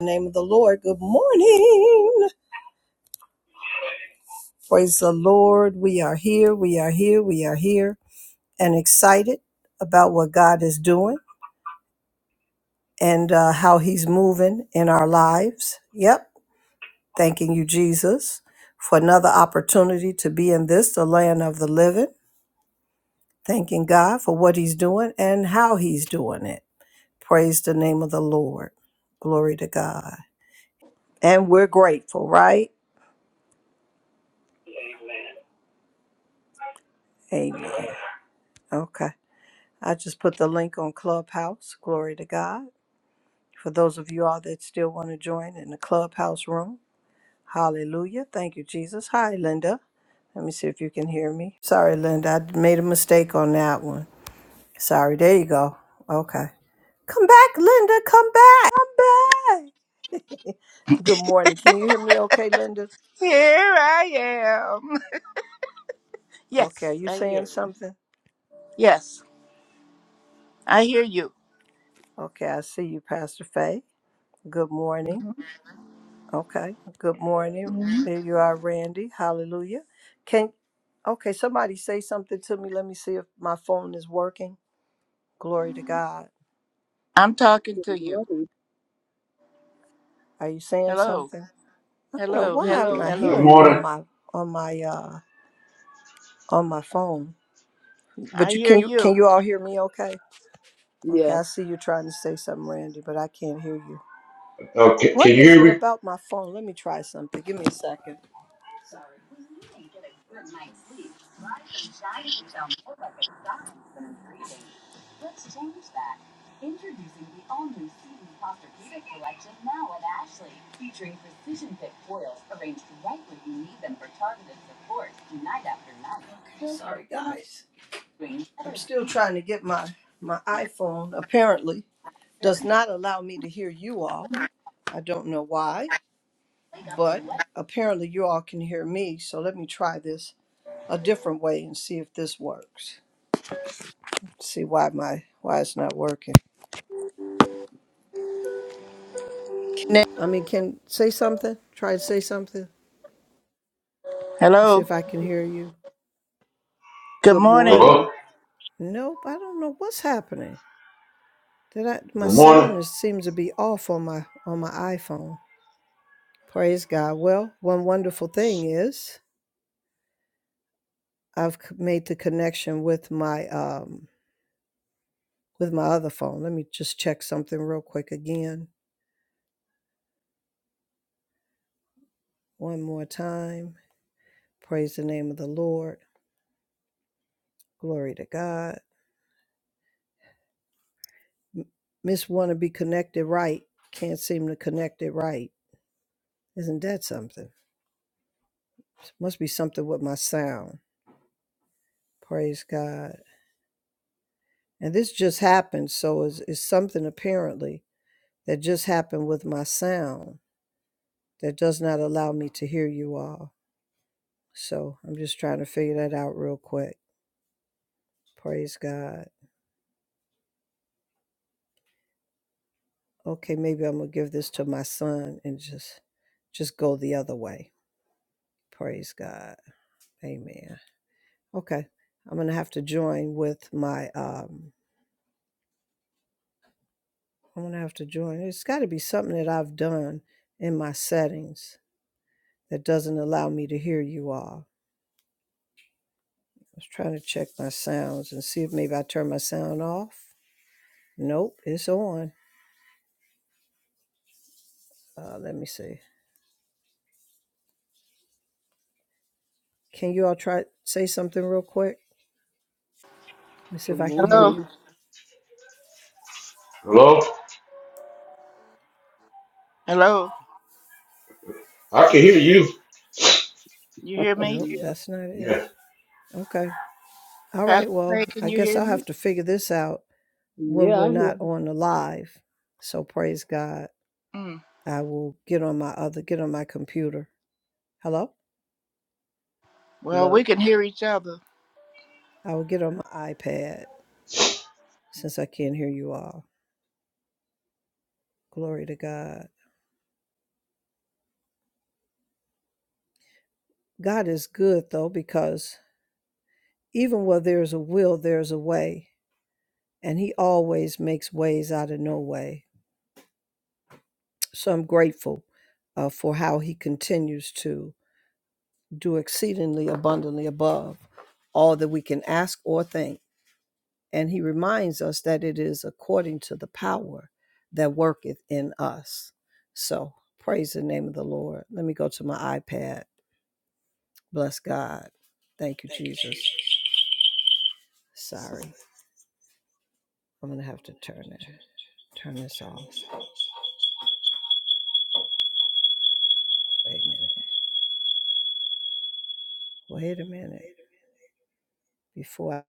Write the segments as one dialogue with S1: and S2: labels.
S1: the name of the Lord. Good morning. Praise the Lord. We are here. We are here. We are here and excited about what God is doing and uh, how he's moving in our lives. Yep. Thanking you, Jesus, for another opportunity to be in this, the land of the living. Thanking God for what he's doing and how he's doing it. Praise the name of the Lord. Glory to God. And we're grateful, right? Amen. Okay. I just put the link on Clubhouse. Glory to God. For those of you all that still want to join in the Clubhouse room, hallelujah. Thank you, Jesus. Hi, Linda. Let me see if you can hear me. Sorry, Linda. I made a mistake on that one. Sorry. There you go. Okay. Come back, Linda. Come back. Come back. Good morning. Can you hear me okay, Linda?
S2: Here I am.
S1: Okay. Are
S2: Yes,
S1: you
S2: I hear
S1: saying
S2: you.
S1: something?
S2: Yes, I hear you.
S1: Okay. I see you, Pastor Faye. Good morning.
S2: Mhm.
S1: Okay. Good morning.
S2: Mhm.
S1: There you are, Randy. Hallelujah. Can okay, somebody say something to me. Let me see if my phone is working. Glory to God.
S2: I'm talking
S3: Good
S2: to you.
S3: morning.
S1: Are you saying
S2: Hello,
S1: something? I don't know
S2: hello,
S3: We
S1: why I'm
S3: say
S2: hello,
S1: not
S3: Good
S4: Good
S2: hello.
S1: hearing on
S4: morning.
S3: morning.
S1: my on my uh on my phone.
S2: I
S1: But you
S2: hear
S1: can you can
S2: you.
S1: you all hear me okay? Okay, I
S3: Yes.
S1: see you trying to say something, Randy, but I can't hear you.
S4: Uh, can,
S1: What
S4: you
S1: is
S4: hear
S1: it
S4: me?
S1: about my phone? Let me try something. Give me a second. Sorry. Okay, sorry guys. I'm still trying to get my my iPhone apparently does not allow me to hear you all. I don't know why, but apparently you all can hear me. So let me try this a different way and see if this works. See why my why it's not working. I mean, can say something. Try to say something. and See
S2: Hello.
S1: if I can hear you.
S2: Good
S3: Good
S2: morning.
S3: morning.
S4: Hello?
S1: Nope, I don't know what's happening. Did I my
S4: Good morning.
S1: sound is, seems to be off on my on my iPhone. Praise God. Well, one wonderful thing is I've c- made the connection with my um with my other phone. Let me just check something real quick again. One more time. Praise the name of the Lord. Glory to God. Miss Wanna Be Connected Right. Can't seem to connect it right. Isn't that something? Must be something with my sound. Praise God. And this just happened, so it's, it's something apparently that just happened with my sound that does not allow me to hear you all. So I'm just trying to figure that out real quick. Praise God. okay, maybe I'm gonna give this to my son and just just go the other way. Praise God. Amen. Okay. I'm gonna have to join with my um I'm gonna have to join. It's gotta be something that I've done in my settings that doesn't allow me to hear you all. I was trying to check my sounds and see if maybe I turn my sound off. Nope, it's on. Uh, let me see. Can you all try say something real quick? Let me see
S3: Good
S1: if I can hear
S3: morning.
S2: Hello,
S1: you.
S4: Hello?
S2: hello.
S4: I can hear you.
S2: You hear me,
S1: Nope,
S3: Yeah.
S1: that's not it.
S4: Yes,
S1: Okay. All right,
S2: Pastor
S1: well,
S2: Craig? Can
S1: I
S2: you
S1: guess
S2: hear
S1: I'll
S2: me?
S1: have to figure this out when
S3: Yeah.
S1: we're
S3: I hear.
S1: not on the live. So praise God.
S2: Mm.
S1: I will get on my other get on my computer. Hello?
S2: Well, we
S3: Hello.
S2: can hear each other.
S1: I will get on my iPad since I can't hear you all. Glory to God. God is good though, because even where there's a will, there's a way. And he always makes ways out of no way. So I'm grateful uh, for how he continues to do exceedingly abundantly above all that we can ask or think And he reminds us that it is according to the power that worketh in us. So praise the name of the Lord. Let me go to my iPad. Bless God. Thank you, Jesus. Sorry. I'm gonna have to turn it turn this off. Wait a minute. Wait a minute. Before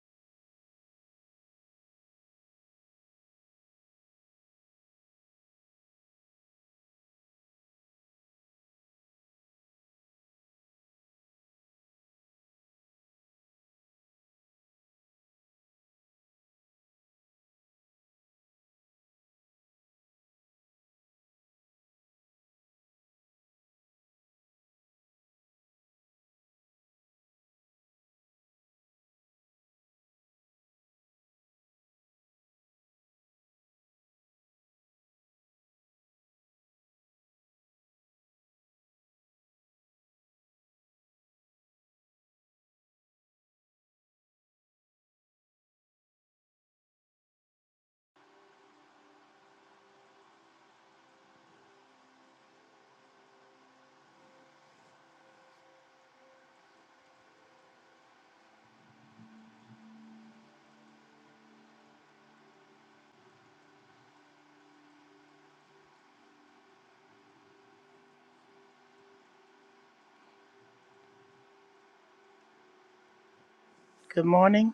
S2: Good morning.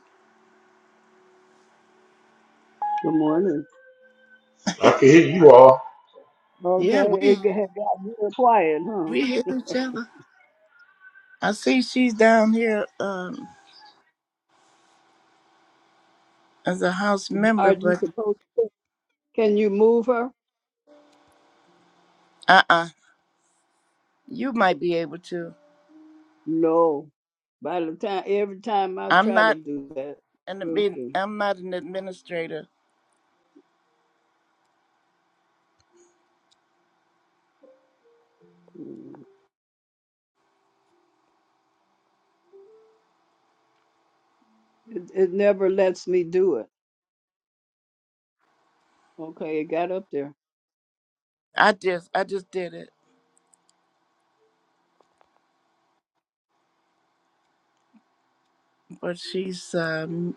S3: Good morning.
S4: I can hear you all.
S2: Yeah,
S3: Okay.
S2: we
S3: It g- had got real quiet, huh?
S2: we hear each other. I see she's down here um, as a house
S3: Are
S2: member,
S3: you
S2: but
S3: supposed to? Can you move her?
S2: uh uh you might be able to.
S3: No. By the time, every time I
S2: I'm
S3: try to
S2: not.
S3: do that,
S2: And I
S3: it,
S2: mean,
S3: it
S2: I'm not an administrator.
S3: it never lets me do it. Okay. It got up there.
S2: I just, I just did it. But she's, um,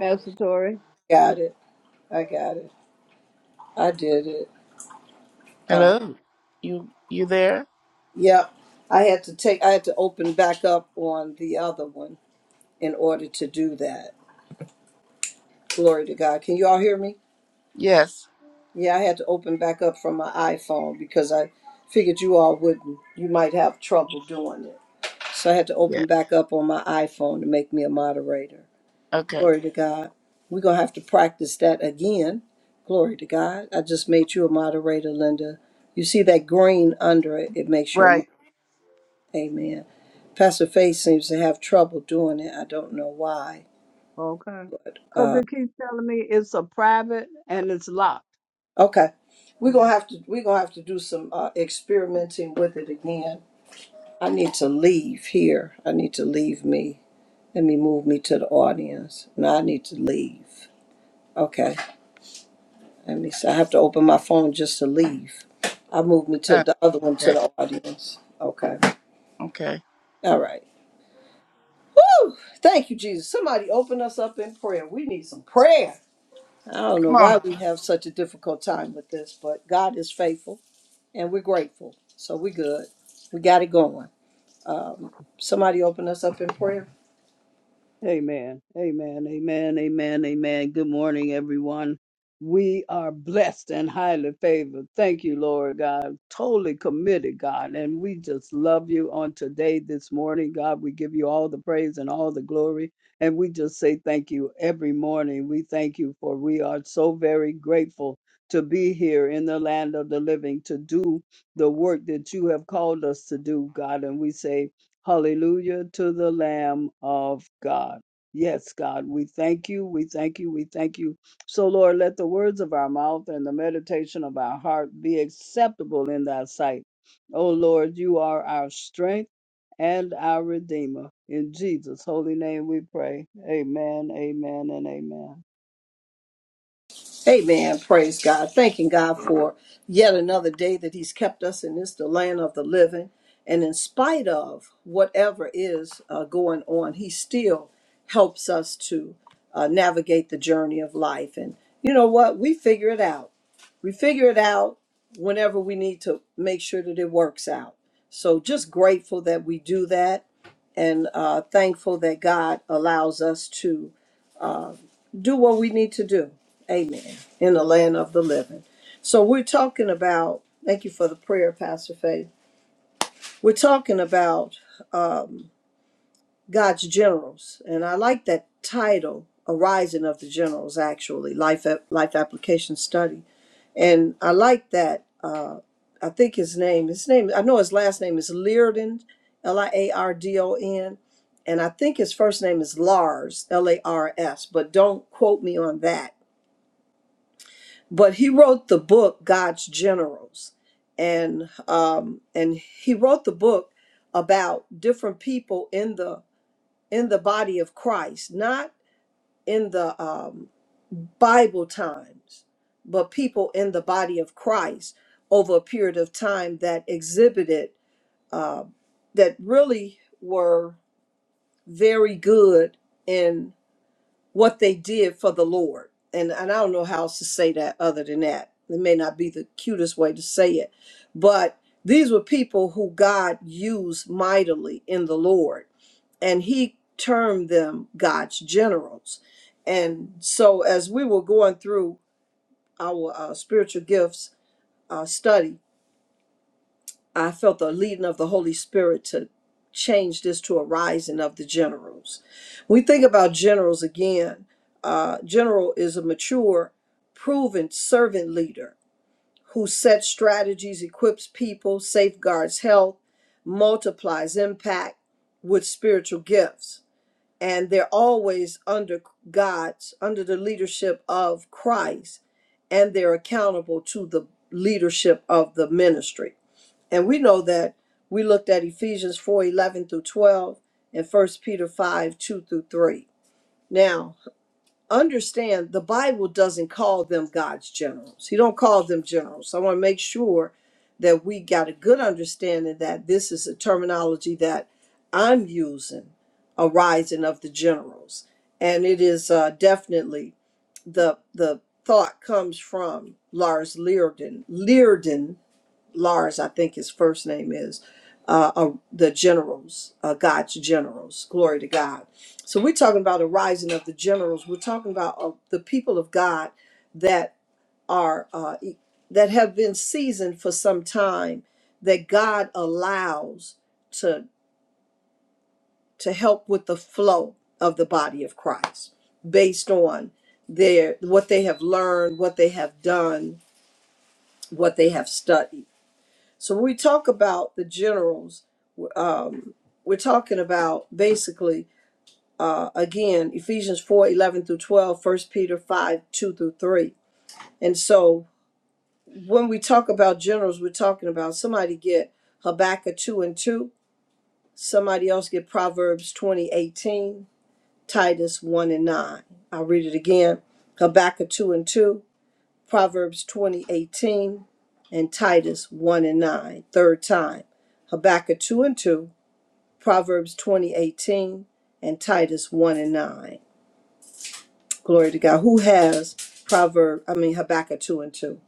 S3: Passatory.
S5: Got it. I got it. I did it. Uh,
S2: hello, you, you there?
S5: yep. I had to take. I had to open back up on the other one in order to do that. Glory to God. Can you all hear me?
S2: Yes.
S5: Yeah, I had to open back up from my iPhone because I figured you all wouldn't. You might have trouble doing it, so I had to
S2: Yeah.
S5: open back up on my iPhone to make me a moderator.
S2: Okay.
S5: Glory to God. We're gonna have to practice that again. Glory to God. I just made you a moderator, Linda. You see that green under it? It makes you a moderator.
S2: Right.
S5: Amen. Pastor Faith seems to have trouble doing it. I don't know why.
S3: Okay. Because
S5: Uh,
S3: it keeps telling me it's a private and it's locked.
S5: okay, we're gonna
S2: Mm.
S5: have to we're gonna have to do some uh, experimenting with it again. I need to leave here. I need to leave me. Let me move me to the audience. No, I need to leave. Okay, let me. See. I have to open my phone just to leave. I move me to
S2: Uh,
S5: the other one to
S2: okay.
S5: the audience. Okay.
S2: Okay.
S5: All right. Woo! Thank you, Jesus. Somebody open us up in prayer. We need some prayer. I don't know
S2: Come on.
S5: why
S2: up.
S5: we have such a difficult time with this, but God is faithful and we're grateful. So we're good. We got it going. Um, somebody open us up in prayer.
S3: Amen. Amen. Amen. Amen. Amen. Good morning, everyone. We are blessed and highly favored. Thank you, Lord God. Totally committed, God. And we just love you on today, this morning, God. We give you all the praise and all the glory. And we just say thank you every morning. We thank you for we are so very grateful to be here in the land of the living to do the work that you have called us to do, God. And we say, Hallelujah to the Lamb of God. Yes, God, we thank you. We thank you. We thank you. So, Lord, let the words of our mouth and the meditation of our heart be acceptable in thy sight. O Lord, you are our strength and our Redeemer. In Jesus' holy name we pray. Amen, amen, and amen.
S5: Amen. Praise God. Thanking God for yet another day that He's kept us in this, the land of the living. And in spite of whatever is uh, going on, He still helps us to uh, navigate the journey of life. And you know what? We figure it out. We figure it out whenever we need to make sure that it works out. So just grateful that we do that and uh, thankful that God allows us to do what we need to do. Amen. In the land of the living. So we're talking about, thank you for the prayer, Pastor Faith. We're talking about God's generals. And I like that title, Arising of the Generals, actually, Life, Life Application Study. And I like that. Uh, I think his name, his name, I know his last name is Leardon, L I A R D O N. And I think his first name is Lars, L A R S, but don't quote me on that but he wrote the book God's Generals, and um, and he wrote the book about different people in the in the body of Christ, not in the um, Bible times, but people in the body of Christ over a period of time that exhibited uh, that really were very good what they did for the Lord. And, and I don't know how else to say that other than that. It may not be the cutest way to say it, but these were people who God used mightily in the Lord, and He termed them God's generals. And so, as we were going through our uh, spiritual gifts uh, study, I felt the leading of the Holy Spirit to change this to a rising of the generals. When we think about generals again, uh, general is a mature, proven servant leader who sets strategies, equips people, safeguards health, multiplies impact with spiritual gifts. And they're always under God's, under the leadership of Christ, and they're accountable to the leadership of the ministry and we know that we looked at Ephesians 4 11 through 12 and First Peter 5 2 through 3. Now, understand the Bible doesn't call them God's generals. He don't call them generals. So I want to make sure that we got a good understanding that this is a terminology that I'm using, a rising of the generals. And it is uh, definitely the the thought comes from Lars Learden. Learden Lars, I think his first name is, uh, uh, the generals, uh, God's generals. Glory to God. So we're talking about a rising of the generals. We're talking about uh, the people of God that are uh, e- that have been seasoned for some time that God allows to to help with the flow of the body of Christ based on their what they have learned, what they have done, what they have studied. So when we talk about the generals, um, we're talking about basically, uh, again, Ephesians 4 11 through 12, First Peter 5 2 through 3. And so when we talk about generals, we're talking about somebody get Habakkuk 2 and 2, somebody else get Proverbs 20 18, Titus 1 and 9. I'll read it again Habakkuk 2 and 2. Proverbs 20 18, and Titus 1 and 9, third time. Habakkuk 2 and 2, Proverbs 20 18, and Titus 1 and 9. Glory to God. Who has Proverb, I mean Habakkuk 2 and 2?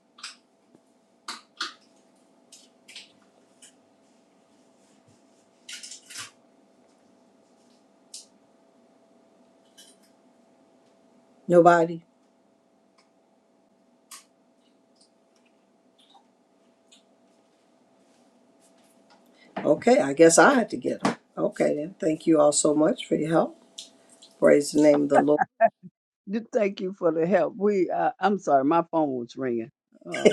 S5: Nobody? Okay, I guess I had to get them. Okay then. Thank you all so much for your help. Praise the name of the Lord.
S3: Just Thank you for the help. We, uh, I'm sorry, my phone was ringing. Uh,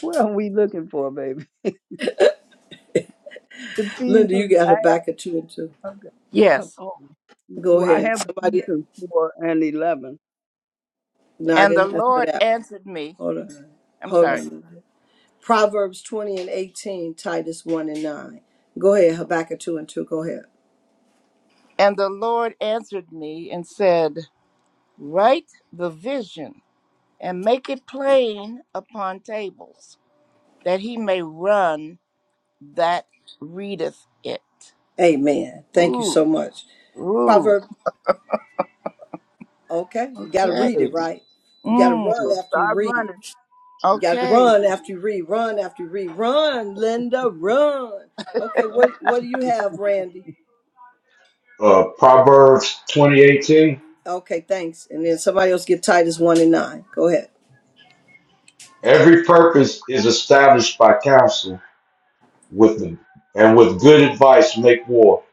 S3: what are we looking for, baby?
S5: Linda, you
S3: Ephesians.
S5: got Habakkuk 2 and 2.
S3: Okay. of
S2: Yes.
S3: all.
S5: Go
S3: Well, I
S5: ahead.
S3: have
S5: Somebody,
S3: Ephesians 4 and 11.
S5: no, I
S2: And the
S5: didn't ask for
S2: Lord
S5: that.
S2: answered me.
S5: Hold on.
S2: I'm
S5: Hold
S2: sorry.
S5: on. Proverbs 20 and 18, Titus 1 and 9. Go ahead,
S3: Oh,
S5: Habakkuk 2 and 2. Go ahead.
S2: And the Lord answered me and said, Write the vision and make it plain upon tables, that he may run that readeth it.
S5: Amen. Thank you
S2: Ooh.
S5: so much.
S2: Ooh,
S5: Proverb, okay, you got to
S2: okay.
S5: read it, right? You got to run
S3: So
S2: Mm,
S5: after you
S3: start
S5: read.
S3: running.
S5: You got to
S2: okay.
S5: run after you read. Run after you read. Run, Linda, run. Okay, what,
S3: Okay.
S5: what do you have, Randy?
S4: Uh, Proverbs 2018.
S5: Okay, thanks. And then somebody else get Titus 1 and 9. Go ahead.
S4: Every purpose is established by counsel with them, and with good advice make war.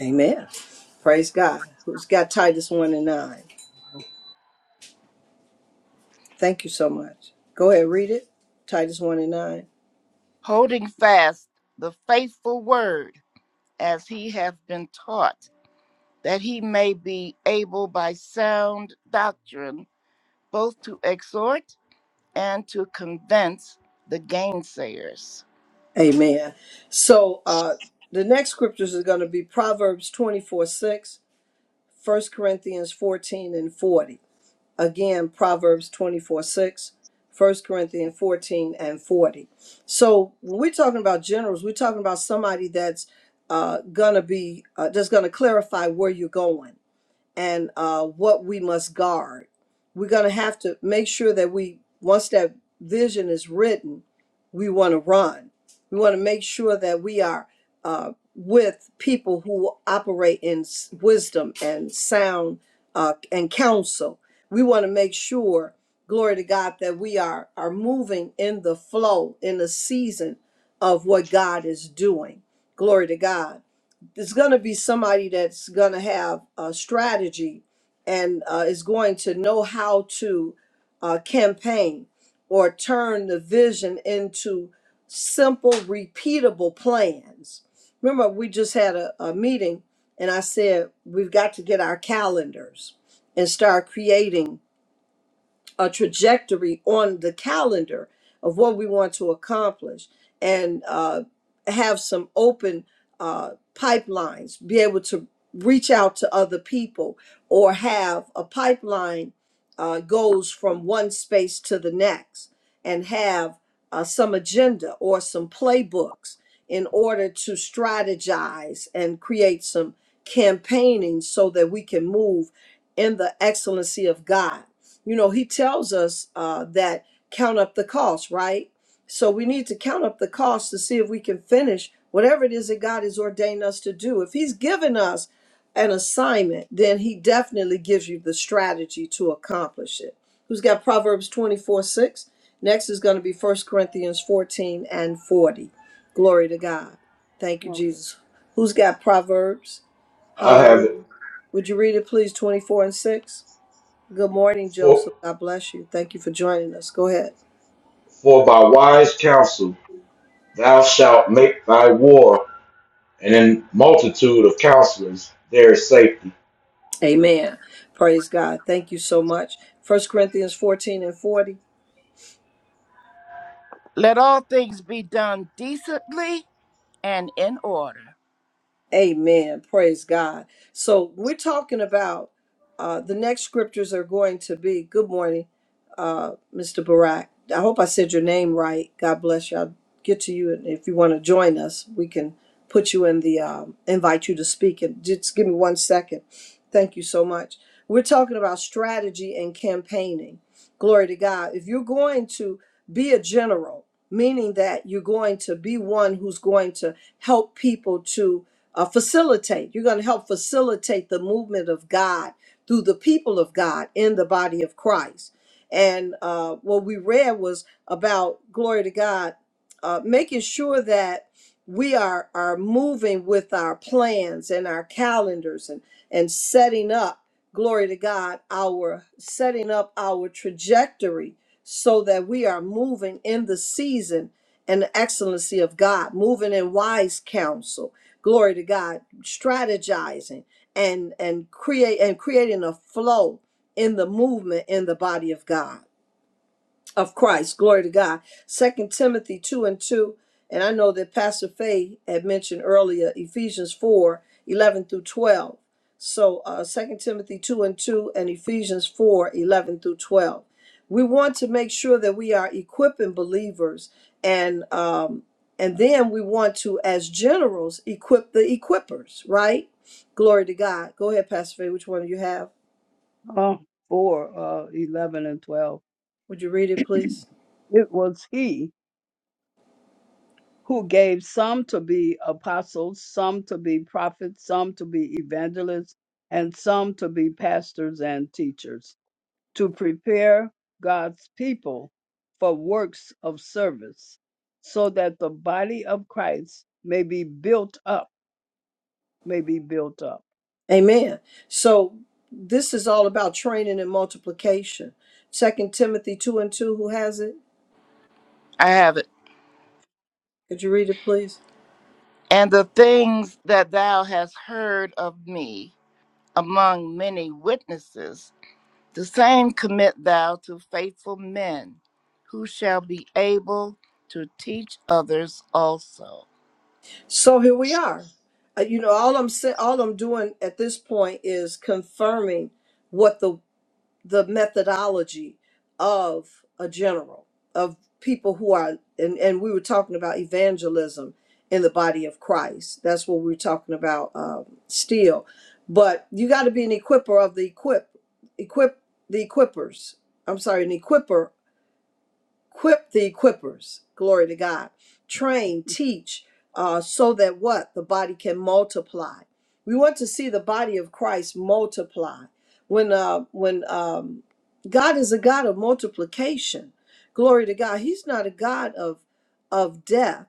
S5: Amen. Praise God. Who's got Titus 1 and 9? Thank you so much. Go ahead, read it. Titus 1 and 9.
S2: Holding fast the faithful word as he hath been taught, that he may be able by sound doctrine both to exhort and to convince the gainsayers.
S5: Amen. So uh, the next scriptures are going to be Proverbs 24 6, First Corinthians 14 and 40. Again, Proverbs 24 6, First Corinthians 14 and 40. So when we're talking about generals, we're talking about somebody that's uh, going to be, uh, that's going to clarify where you're going and uh, what we must guard. We're going to have to make sure that we, once that vision is written, we want to run. We want to make sure that we are uh, with people who operate in s- wisdom and sound uh, and counsel. We want to make sure, glory to God, that we are, are moving in the flow, in the season of what God is doing. Glory to God there's going to be somebody that's going to have a strategy and uh, is going to know how to uh, campaign or turn the vision into simple, repeatable plans. Remember, we just had a, a meeting and I said, we've got to get our calendars and start creating a trajectory on the calendar of what we want to accomplish and uh, have some open uh, pipelines, be able to reach out to other people or have a pipeline uh, goes from one space to the next and have uh, some agenda or some playbooks in order to strategize and create some campaigning so that we can move in the excellency of God you know he tells us uh, that count up the cost right so we need to count up the cost to see if we can finish whatever it is that god has ordained us to do if he's given us an assignment then he definitely gives you the strategy to accomplish it who's got proverbs 24 6 next is going to be First corinthians 14 and 40 glory to god thank you
S3: Okay.
S5: jesus who's got proverbs
S4: I have it.
S5: hallelujah would you read it please 24 and 6 Good morning,
S4: For,
S5: Joseph. God bless you. Thank you for joining us. Go ahead.
S4: for by wise counsel thou shalt make thy war, and in multitude of counselors there is safety.
S5: Amen. Praise God. Thank you so much. First Corinthians 14 and 40.
S2: Let all things be done decently and in order.
S5: Amen. Praise God. So we're talking about uh, the next scriptures are going to be. Good morning, uh, Mr. Barak. I hope I said your name right. God bless you. I'll get to you, and if you want to join us, we can put you in the um, invite you to speak. And just give me one second. Thank you so much. We're talking about strategy and campaigning. Glory to God. If you're going to be a general, meaning that you're going to be one who's going to help people to uh, facilitate. You're going to help facilitate the movement of God through the people of God in the body of Christ. And uh, what we read was about glory to God, uh, making sure that we are are moving with our plans and our calendars and and setting up glory to God our setting up our trajectory so that we are moving in the season and the excellency of God, moving in wise counsel glory to God, strategizing and and create and creating a flow in the movement in the body of God of Christ. Glory to God. Second Timothy two and two. And I know that Pastor Faye had mentioned earlier Ephesians 4 11 through 12. So uh, 2 Timothy 2 and 2 and Ephesians 4 11 through 12. We want to make sure that we are equipping believers and um, and then we want to, as generals, equip the equippers, right? Glory to God. Go ahead, Pastor Faye. Which one do you have?
S3: Uh, 4, uh, 11, and 12.
S5: Would you read it, please?
S3: It was he who gave some to be apostles, some to be prophets, some to be evangelists, and some to be pastors and teachers to prepare God's people for works of service so that the body of Christ may be built up may be built up.
S5: Amen. So this is all about training and multiplication. Second Timothy two and two. Who has it?
S2: I have it.
S5: Could you read it, please?
S2: And the things that thou hast heard of me among many witnesses The same commit thou to faithful men, who shall be able to teach others also.
S5: So here we are. Uh, you know, all I'm sa- all I'm doing at this point is confirming what the the methodology of a general of people who are and, and we were talking about evangelism in the body of christ that's what we were talking about um, still but you got to be an equiper of the equip equip the equippers i'm sorry an equiper Equip the equippers. Glory to God. Train, teach, uh, so that what? The body can multiply. We want to see the body of Christ multiply. When uh, when um, God is a God of multiplication. Glory to God. He's not a God of of death.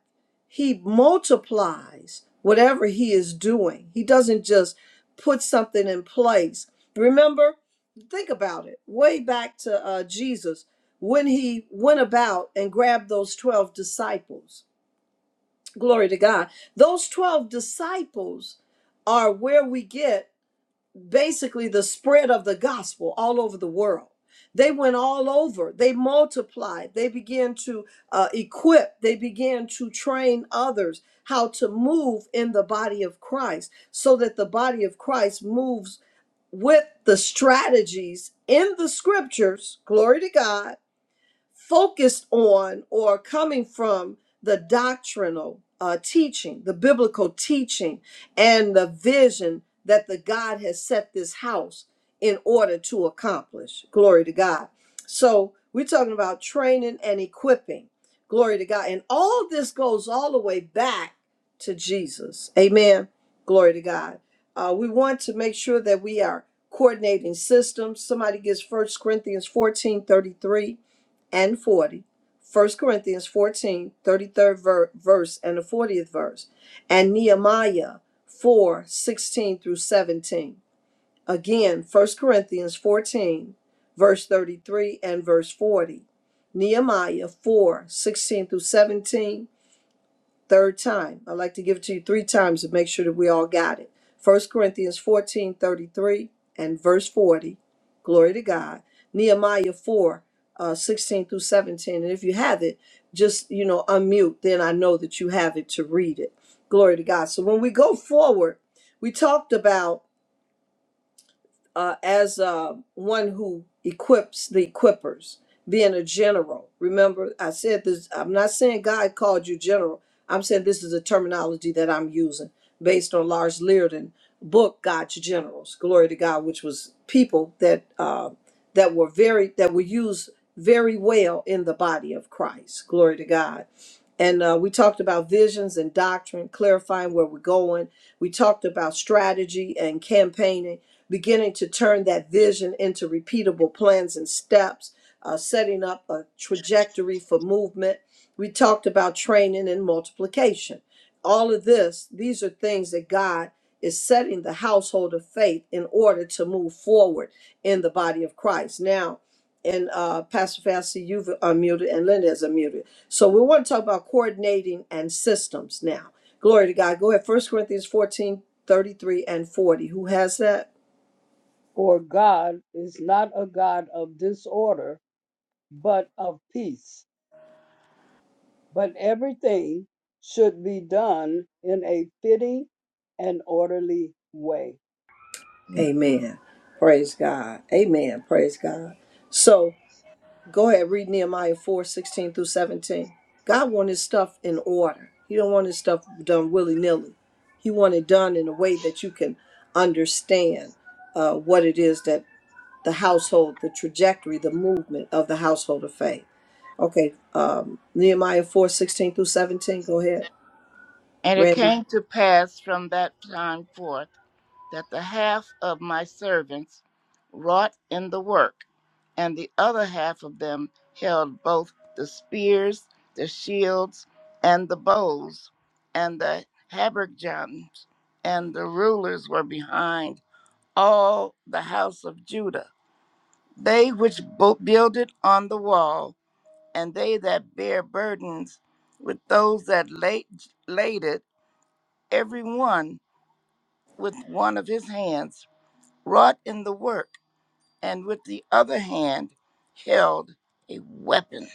S5: He multiplies whatever he is doing. He doesn't just put something in place. Remember, think about it. Way back to uh, Jesus when he went about and grabbed those 12 disciples. Glory to God. Those 12 disciples are where we get basically the spread of the gospel all over the world. They went all over. They multiplied. They began to uh, equip. They began to train others how to move in the body of Christ so that the body of Christ moves with the strategies in the scriptures, glory to God, focused on or coming from the doctrinal uh, teaching, the biblical teaching, and the vision that the God has set this house in order to accomplish. Glory to God. So we're talking about training and equipping. Glory to God. And all this goes all the way back to Jesus. Amen. Glory to God. Uh, we want to make sure that we are coordinating systems. Somebody gives First Corinthians 14 33 and 40, First Corinthians fourteen thirty third ver- verse and the 40th verse, and Nehemiah 4 16 through 17. Again, First Corinthians 14, verse 33 and verse 40. Nehemiah 4 16 through 17, Third time. I'd like to give it to you three times to make sure that we all got it. First Corinthians 14 33 and verse 40. Glory to God. Nehemiah 4 uh, 16 through 17. And if you have it, just, you know, unmute. Then I know that you have it to read it. Glory to God. So when we go forward, we talked about uh, as uh, one who equips the equippers, being a general. Remember, I said this, I'm not saying God called you general. I'm saying this is a terminology that I'm using based on Lars Learden book, God's Generals, Glory to God, which was people that uh, that were very that were used very well in the body of Christ. Glory to God. And uh, we talked about visions and doctrine, clarifying where we're going. We talked about strategy and campaigning, beginning to turn that vision into repeatable plans and steps, uh, setting up a trajectory for movement. We talked about training and multiplication. All of this, these are things that God is setting the household of faith in order to move forward in the body of Christ. Now, and uh, Pastor Fassi, you've unmuted, and Linda is unmuted. So we want to talk about coordinating and systems now. Glory to God. Go ahead. First Corinthians 14 33 and 40. Who has that?
S3: For God is not a God of disorder, but of peace. But everything should be done in a fitting and orderly way.
S5: Amen. Praise God. Amen. Praise God. So go ahead, read Nehemiah 4 16 through 17. God want his stuff in order. He don't want his stuff done willy-nilly. He want it done in a way that you can understand uh, what it is the household, the trajectory, the movement of the household of faith. Okay, um, Nehemiah 4 16 through 17. Go ahead,
S2: And it
S5: Randy.
S2: came to pass from that time forth that the half of my servants wrought in the work, and the other half of them held both the spears, the shields, and the bows, and the habergeons, and the rulers were behind all the house of Judah They which bo- build it on the wall, and they that bear burdens with those that laid, laid it, every one with one of his hands wrought in the work, and with the other hand held a weapon.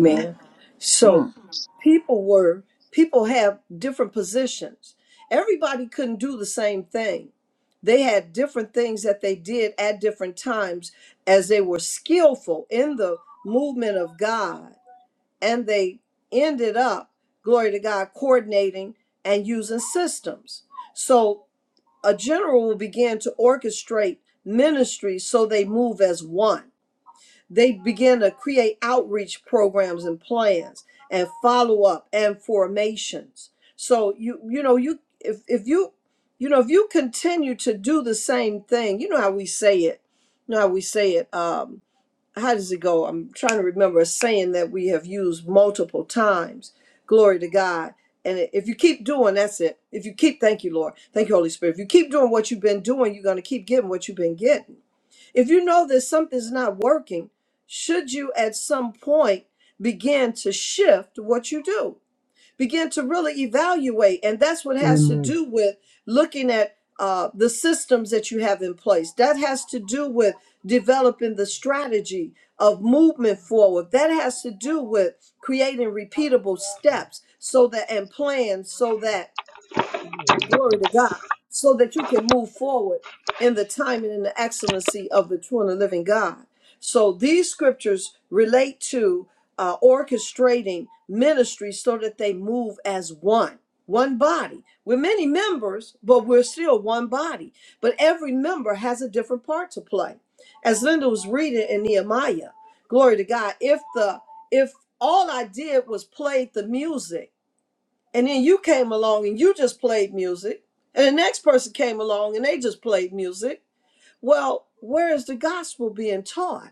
S2: Mm,
S5: So
S2: mm.
S5: people were, people have different positions. Everybody couldn't do the same thing. They had different things that they did at different times as they were skillful in the movement of God. And they ended up, glory to God, coordinating and using systems. So A general will begin to orchestrate ministries so they move as one. They begin to create outreach programs and plans and follow up and formations. So you you know you if if you you know if you continue to do the same thing, you know how we say it. You know how we say it. Um, how does it go? I'm trying to remember a saying that we have used multiple times. Glory to God. And if you keep doing, that's it. If you keep, thank you, Lord. Thank you, Holy Spirit. If you keep doing what you've been doing, you're going to keep getting what you've been getting. If you know that something's not working, should you at some point begin to shift what you do? begin to really evaluate. And that's what has to
S6: Amen.
S5: do with looking at uh, the systems that you have in place. That has to do with developing the strategy of movement forward. That has to do with creating repeatable steps so that and plans so that glory to God, so that you can move forward in the timing and the excellency of the true and the living God. So these scriptures relate to uh, orchestrating ministry so that they move as one, one body. We're many members, but we're still one body. But every member has a different part to play. As Linda was reading in Nehemiah, glory to God, if the if all I did was play the music, and then you came along and you just played music. And the next person came along and they just played music. Well, where is the gospel being taught?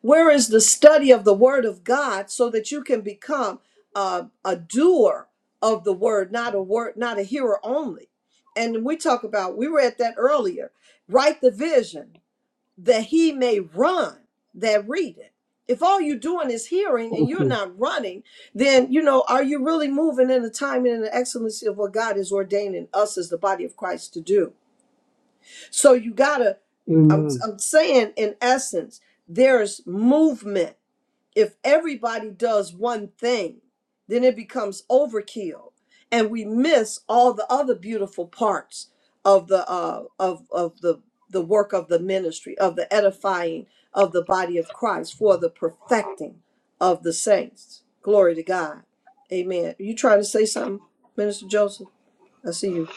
S5: Where is the study of the word of God so that you can become a, a doer of the word, not a word, not a hearer only? And we talk about, we read that earlier. Write the vision that he may run that readeth. If all you're doing is hearing and you're
S6: Okay.
S5: not running, then you know, are you really moving in the timing and the excellency of what God is ordaining us as the body of Christ to do? So you gotta, I'm
S6: Amen.
S5: I'm saying in essence, there's movement if everybody does one thing, then it becomes overkill, and we miss all the other beautiful parts of the uh, of of the the work of the ministry, of the edifying of the body of Christ, for the perfecting of the saints. Glory to God, Amen. you trying to say something, Minister Joseph? I see you.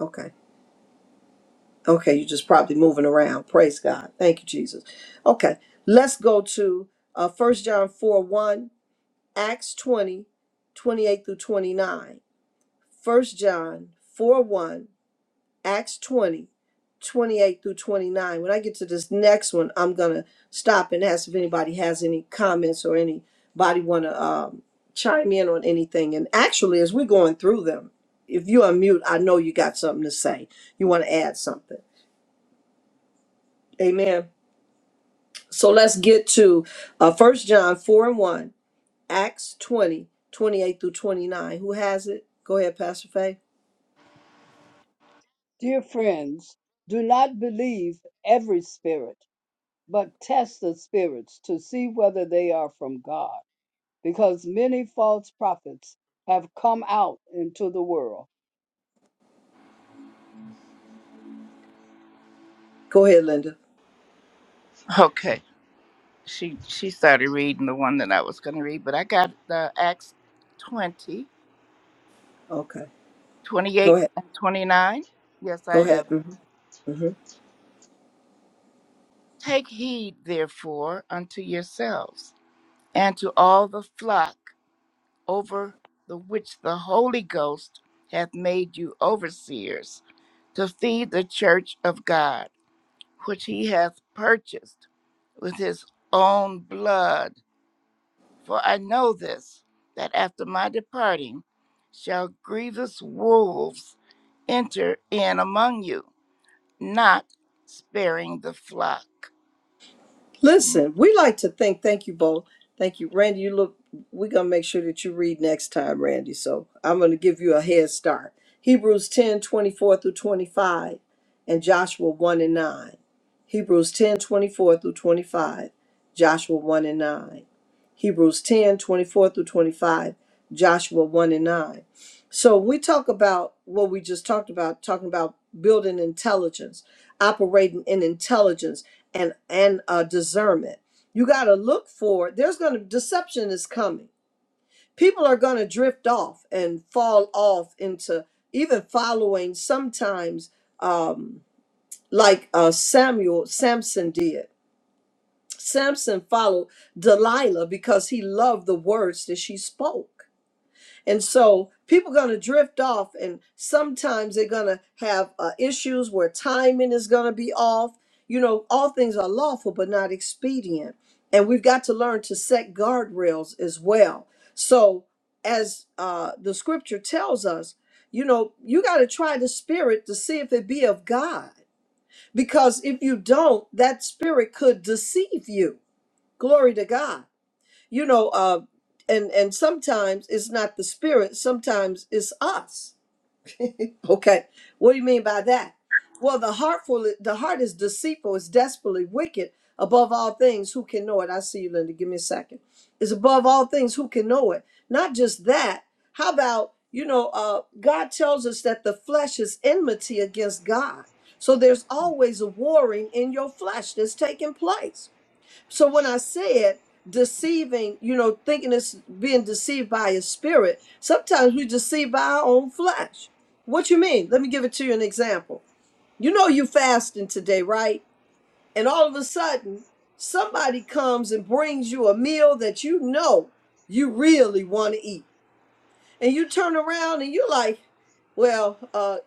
S5: Okay, okay, you're just probably moving around. Praise God. Thank you, Jesus. Okay, let's go to uh, 1 John four one. Acts 20, 28 through 29, 1 John 4 1, Acts 20, 28 through 29. When I get to this next one, I'm going to stop and ask if anybody has any comments or anybody want to um, chime in on anything. And actually, as we're going through them, if you unmute, I know you got something to say. You want to add something. Amen. So let's get to uh, 1 John 4 and 1. Acts 20 28 through 29. Who has it? Go ahead, Pastor Faye.
S3: Dear friends, do not believe every spirit, but test the spirits to see whether they are from God, because many false prophets have come out into the world.
S5: Go ahead, Linda.
S2: Okay, she she started reading the one that I was going to read, but I got uh, Acts 20,
S5: Okay. Go
S2: twenty-eight,
S5: ahead.
S2: and 29. Yes, I
S5: Go ahead.
S2: have.
S5: hmm hmm
S2: Take heed, therefore, unto yourselves and to all the flock over the which the Holy Ghost hath made you overseers, to feed the church of God, which he hath purchased with his own blood. For I know this, that after my departing shall grievous wolves enter in among you, not sparing the flock.
S5: Listen, we like to think, thank you both. Thank you. Randy, you look, we're going to make sure that you read next time, Randy. So I'm going to give you a head start. Hebrews 10 24 through 25, and Joshua 1 and 9. Hebrews 10 24 through 25, Joshua 1 and 9. Hebrews 10 24 through 25, Joshua 1 and 9. So we talk about what we just talked about, talking about building intelligence, operating in intelligence and and uh, discernment. You got to look for. There's going to deception is coming. People are going to drift off and fall off into even following sometimes um, like uh, Samuel Samson did. Samson followed Delilah because he loved the words that she spoke. And so people are going to drift off, and sometimes they're going to have uh, issues where timing is going to be off. You know, all things are lawful, but not expedient. And we've got to learn to set guardrails as well. So, as uh, the scripture tells us, you know, you got to try the spirit to see if it be of God. Because if you don't, that spirit could deceive you glory to god you know uh and and sometimes it's not the spirit sometimes it's us okay what do you mean by that well the heartful the heart is deceitful it's desperately wicked above all things who can know it i see you linda give me a second it's above all things who can know it not just that how about you know uh god tells us that the flesh is enmity against god so there's always a warring in your flesh that's taking place so when I said deceiving, you know, thinking it's being deceived by his spirit, sometimes we deceived by our own flesh. What you mean? Let me give it to you an example. You know you fasting today, right? And all of a sudden, somebody comes and brings you a meal that you know you really want to eat. And you turn around and you're like, well, uh,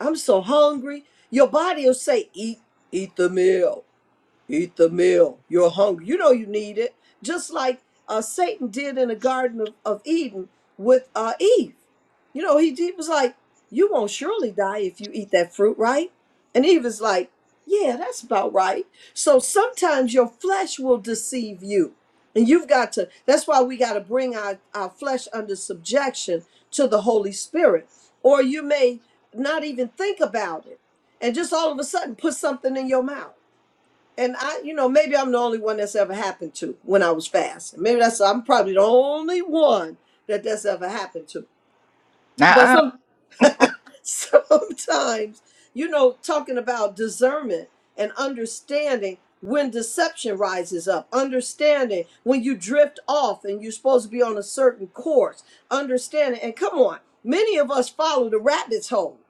S5: I'm so hungry. Your body will say, eat, eat the meal Eat the meal. You're hungry. You know you need it. Just like uh, Satan did in the Garden of, of Eden with uh, Eve. You know, he, he was like, You won't surely die if you eat that fruit, right? And Eve is like, Yeah, that's about right. So sometimes your flesh will deceive you. And you've got to, that's why we got to bring our, our flesh under subjection to the Holy Spirit. Or you may not even think about it and just all of a sudden put something in your mouth and I, you know, maybe I'm the only one that's ever happened to when I was fasting. Maybe that's I'm probably the only one that that's ever happened to.
S2: Nuh-uh.
S5: sometimes, you know, talking about discernment and understanding when deception rises up, understanding when you drift off and you're supposed to be on a certain course, understanding. And come on, many of us follow the rabbit's hole.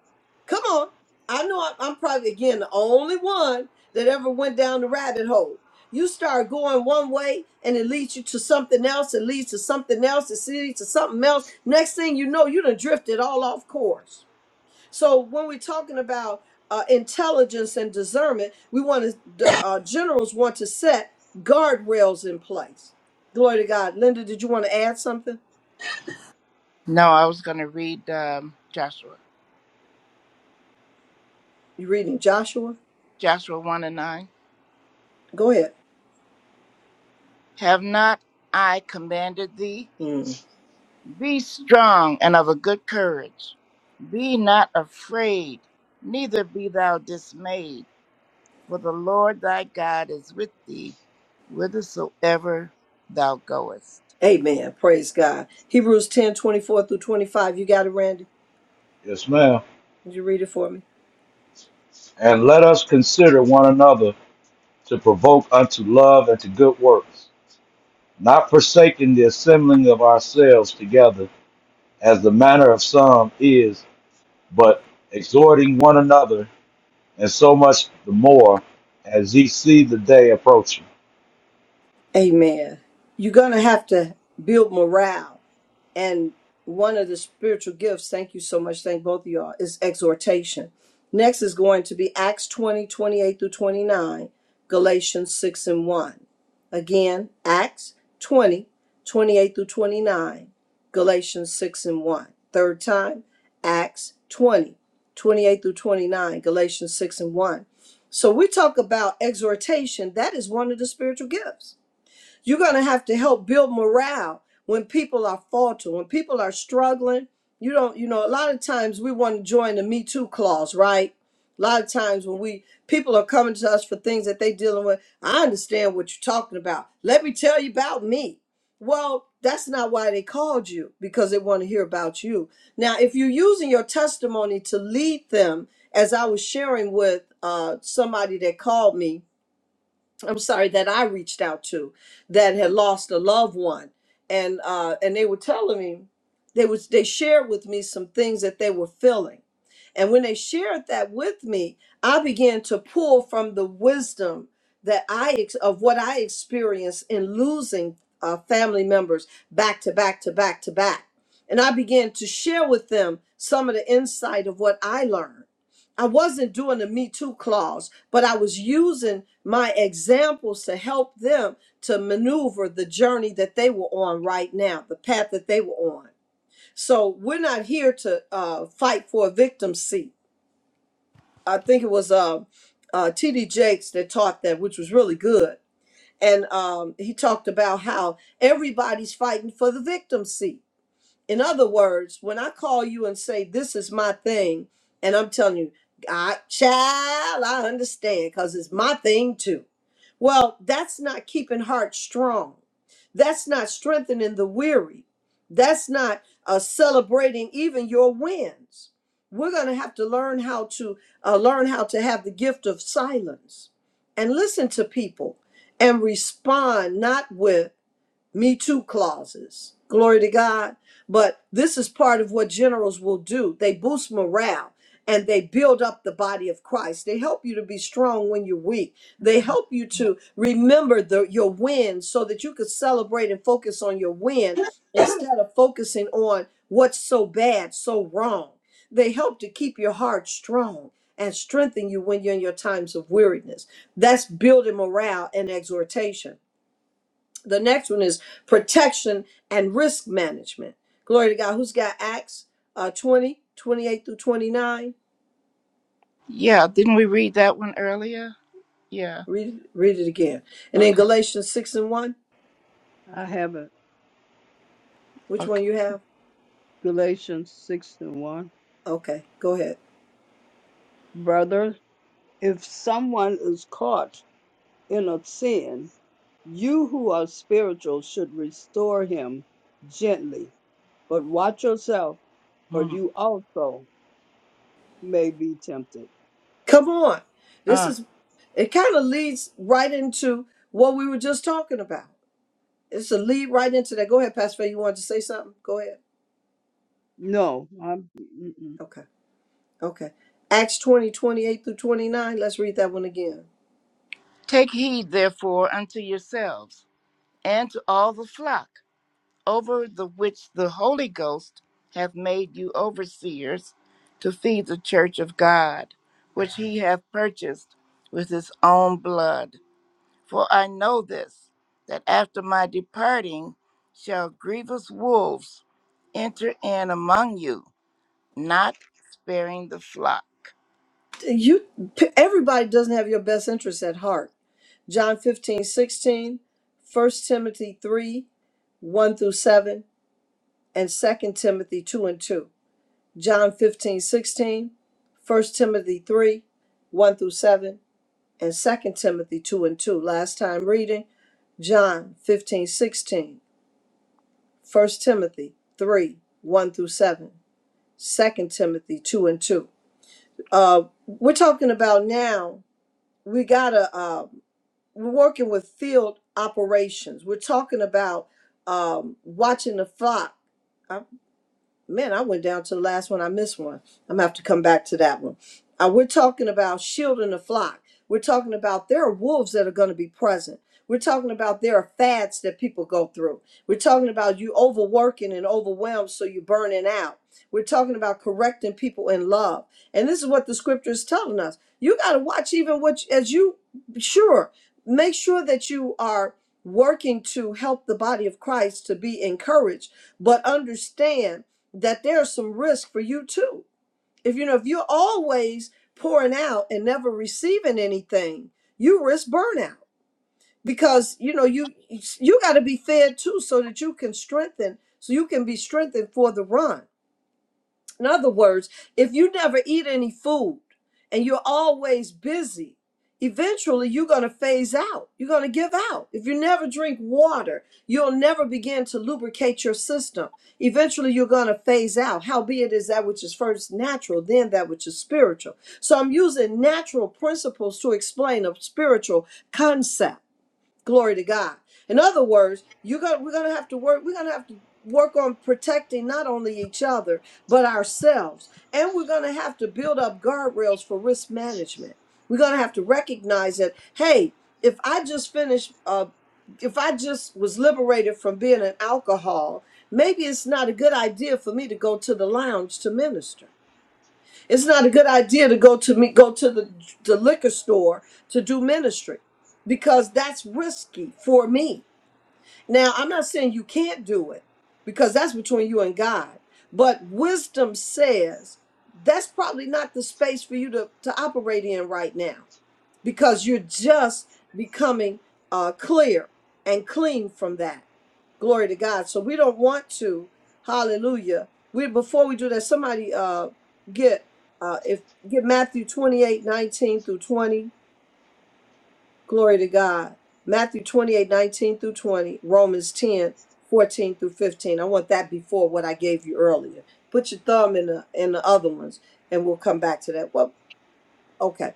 S5: Come on. I know I'm I'm probably, again, the only one that ever went down the rabbit hole. You start going one way and it leads you to something else, it leads to something else, it leads to something else. Next thing you know, you done drifted all off course so when we're talking about uh, intelligence and discernment, we want to the uh, generals want to set guardrails in place. Glory to God. Linda, did you want to add something?
S2: No, I was going to read um, Joshua.
S5: You reading Joshua?
S2: Joshua 1 and 9.
S5: Go ahead.
S2: Have not I commanded thee?
S5: Mm.
S2: Be strong and of a good courage. Be not afraid, neither be thou dismayed, for the Lord thy God is with thee whithersoever thou goest.
S5: Amen. Praise God. Hebrews 10 24 through 25. You got it, Randy?
S4: Yes, ma'am.
S5: Did you read it for me?
S4: And let us consider one another to provoke unto love and to good works, not forsaking the assembling of ourselves together, as the manner of some is, but exhorting one another, and so much the more as ye see the day approaching.
S5: Amen. You're going to have to build morale And one of the spiritual gifts, thank you so much, thank both of y'all, is exhortation. Next is going to be Acts 20 28 through 29, Galatians 6 and 1. Again, Acts 20 28 through 29, Galatians 6 and 1. Third time, Acts 20 28 through 29, Galatians 6 and 1. So we talk about exhortation. That is one of the spiritual gifts you're going to have to help build morale when people are faltering, when people are struggling. You don't, you know, a lot of times we want to join the Me Too clause, right? A lot of times when we people are coming to us for things that they're dealing with, I understand what you're talking about. Let me tell you about me. Well, that's not why they called you because they want to hear about you. Now, if you're using your testimony to lead them, as I was sharing with uh, somebody that called me, I'm sorry that I reached out to that had lost a loved one, and uh, and they were telling me they was they shared with me some things that they were feeling, and when they shared that with me, I began to pull from the wisdom that I ex- of what I experienced in losing uh, family members back to back to back to back, and I began to share with them some of the insight of what I learned. I wasn't doing the Me Too clause, but I was using my examples to help them to maneuver the journey that they were on right now, the path that they were on. So we're not here to uh, fight for a victim's seat. I think it was uh, uh, T.D. Jakes that taught that, which was really good. And um, he talked about how everybody's fighting for the victim's seat in other words, when I call you and say, This is my thing, and I'm telling you, I child, I understand because it's my thing too. Well, that's not keeping heart strong. That's not strengthening the weary. That's not uh, celebrating even your wins. We're going to have to learn how to uh, learn how to have the gift of silence and listen to people and respond not with me too clauses. Glory to God. But this is part of what generals will do. They boost morale and they build up the body of Christ. They help you to be strong when you're weak. They help you to remember the, your win so that you could celebrate and focus on your win instead of focusing on what's so bad, so wrong. They help to keep your heart strong and strengthen you when you're in your times of weariness. That's building morale and exhortation. The next one is protection and risk management. Glory to God. Who's got Acts uh, 20, twenty-eight through 29?
S2: Yeah, didn't we read that one earlier? Yeah.
S5: Read, read it again. And then
S2: Okay.
S5: Galatians 6 and 1.
S3: I have it.
S5: Which
S2: Okay.
S5: one you have?
S3: Galatians 6 and 1.
S5: Okay, go ahead.
S3: brothers. If someone is caught in a sin, you who are spiritual should restore him gently, but watch yourself, for
S2: Mm,
S3: you also may be tempted.
S5: Come on. This
S2: uh.
S5: is, it kind of leads right into what we were just talking about. It's a lead right into that. Go ahead, Pastor Faye. You wanted to say something? Go ahead.
S3: No, I'm, mm-mm.
S5: Okay, okay. Acts 20 28 through 29. Let's read that one again.
S2: Take heed, therefore, unto yourselves and to all the flock over the which the Holy Ghost hath made you overseers to feed the church of God, which he hath purchased with his own blood. For I know this, that after my departing shall grievous wolves enter in among you, not sparing the flock.
S5: you everybody doesn't have your best interests at heart john 15 16, First timothy 3 1 through 7 and Second timothy 2 and 2 john 15 16, First timothy 3 1 through 7 and Second timothy 2 and 2 last time reading john 15 16, First timothy 3 1 through 7, Second timothy 2 and 2 uh, we're talking about now we gotta uh, we're working with field operations. We're talking about um, watching the flock man, I went down to the last one. I missed one. I'm gonna have to come back to that one. Uh, we're talking about shielding the flock. We're talking about there are wolves that are going to be present. We're talking about there are fads that people go through. We're talking about you overworking and overwhelmed, so you're burning out. We're talking about correcting people in love, and this is what the scripture is telling us. You got to watch even what as you sure make sure that you are working to help the body of Christ to be encouraged, but understand that there's some risk for you too. If you know if you're always pouring out and never receiving anything, you risk burnout because you know you you got to be fed too so that you can strengthen so you can be strengthened for the run in other words, if you never eat any food and you're always busy, eventually you're going to phase out. You're going to give out. If you never drink water, you'll never begin to lubricate your system. Eventually you're going to phase out. Howbeit is that which is first natural, then that which is spiritual. So I'm using natural principles to explain a spiritual concept. Glory to God. In other words, you are gonna we're gonna have to work, we're gonna have to work on protecting not only each other, but ourselves. And we're gonna have to build up guardrails for risk management. We're gonna have to recognize that, hey, if I just finished uh if I just was liberated from being an alcohol, maybe it's not a good idea for me to go to the lounge to minister it's not a good idea to go to me go to the, the liquor store to do ministry because that's risky for me. Now, I'm not saying you can't do it because that's between you and God. But wisdom says that's probably not the space for you to, to operate in right now because you're just becoming uh, clear and clean from that. Glory to God. So we don't want to. Hallelujah. We before we do that, somebody uh, get uh, if get Matthew 28:19 through 20. Glory to God. Matthew 28:19 through 20, Romans 10:14 through 15. I want that before what I gave you earlier. Put your thumb in the in the other ones and we'll come back to that. Well, okay.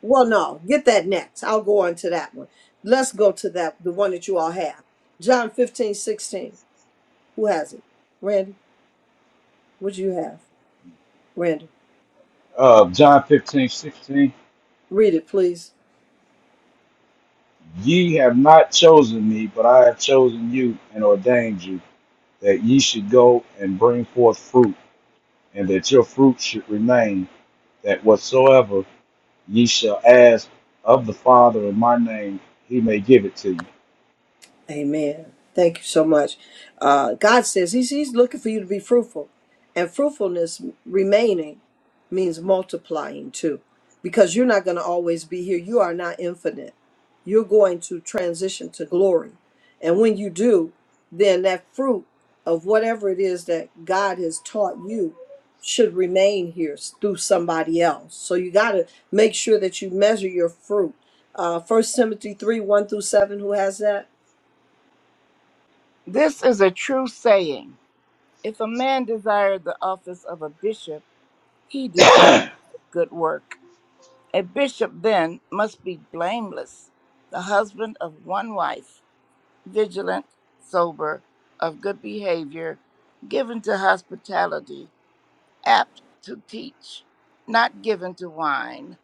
S5: Well, no, get that next. I'll go on to that one. Let's go to that, the one that you all have. John 15 16. Who has it? Randy, what do you have? Randy,
S4: Uh, John 15:16
S5: read it, please.
S4: Ye have not chosen me, but I have chosen you and ordained you, that ye should go and bring forth fruit, and that your fruit should remain, that whatsoever Ye shall ask of the Father in my name, he may give it to you.
S5: Amen. Thank you so much. Uh, God says he's, he's looking for you to be fruitful. And fruitfulness remaining means multiplying too, because you're not going to always be here. You are not infinite. You're going to transition to glory. And when you do, then that fruit of whatever it is that God has taught you should remain here s- through somebody else. So you got to make sure that you measure your fruit. Uh, 1 Timothy 3 1 through 7, who has that?
S2: This is a true saying. If a man desire the office of a bishop, he desireth a good work. A bishop then must be blameless, the husband of one wife, vigilant, sober, of good behavior, given to hospitality, apt to teach, not given to wine,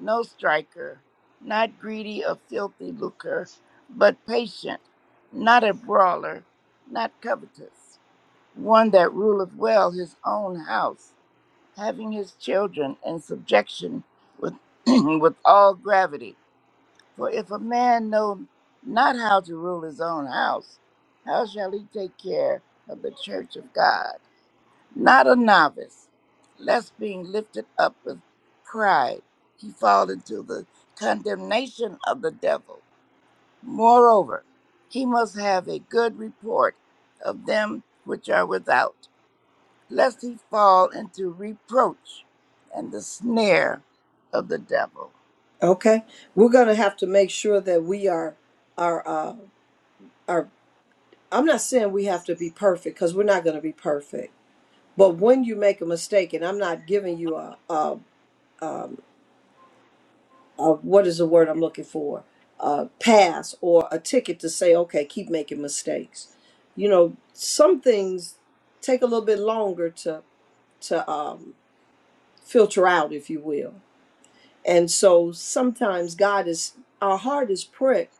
S2: no striker, not greedy of filthy lucre, but patient, not a brawler, not covetous, one that ruleth well his own house having his children in subjection with, with all gravity. For if a man know not how to rule his own house, how shall he take care of the church of God? Not a novice, lest being lifted up with pride, he fall into the condemnation of the devil. Moreover, he must have a good report of them which are without lest he fall into reproach and the snare of the devil.
S5: Okay, we're gonna have to make sure that we are are uh, are. I'm not saying we have to be perfect because we're not gonna be perfect. But when you make a mistake, and I'm not giving you a, a, a what is the word I'm looking for, a pass or a ticket to say, okay, keep making mistakes. You know, some things take a little bit longer to to um, filter out, if you will. And so sometimes God is our heart is pricked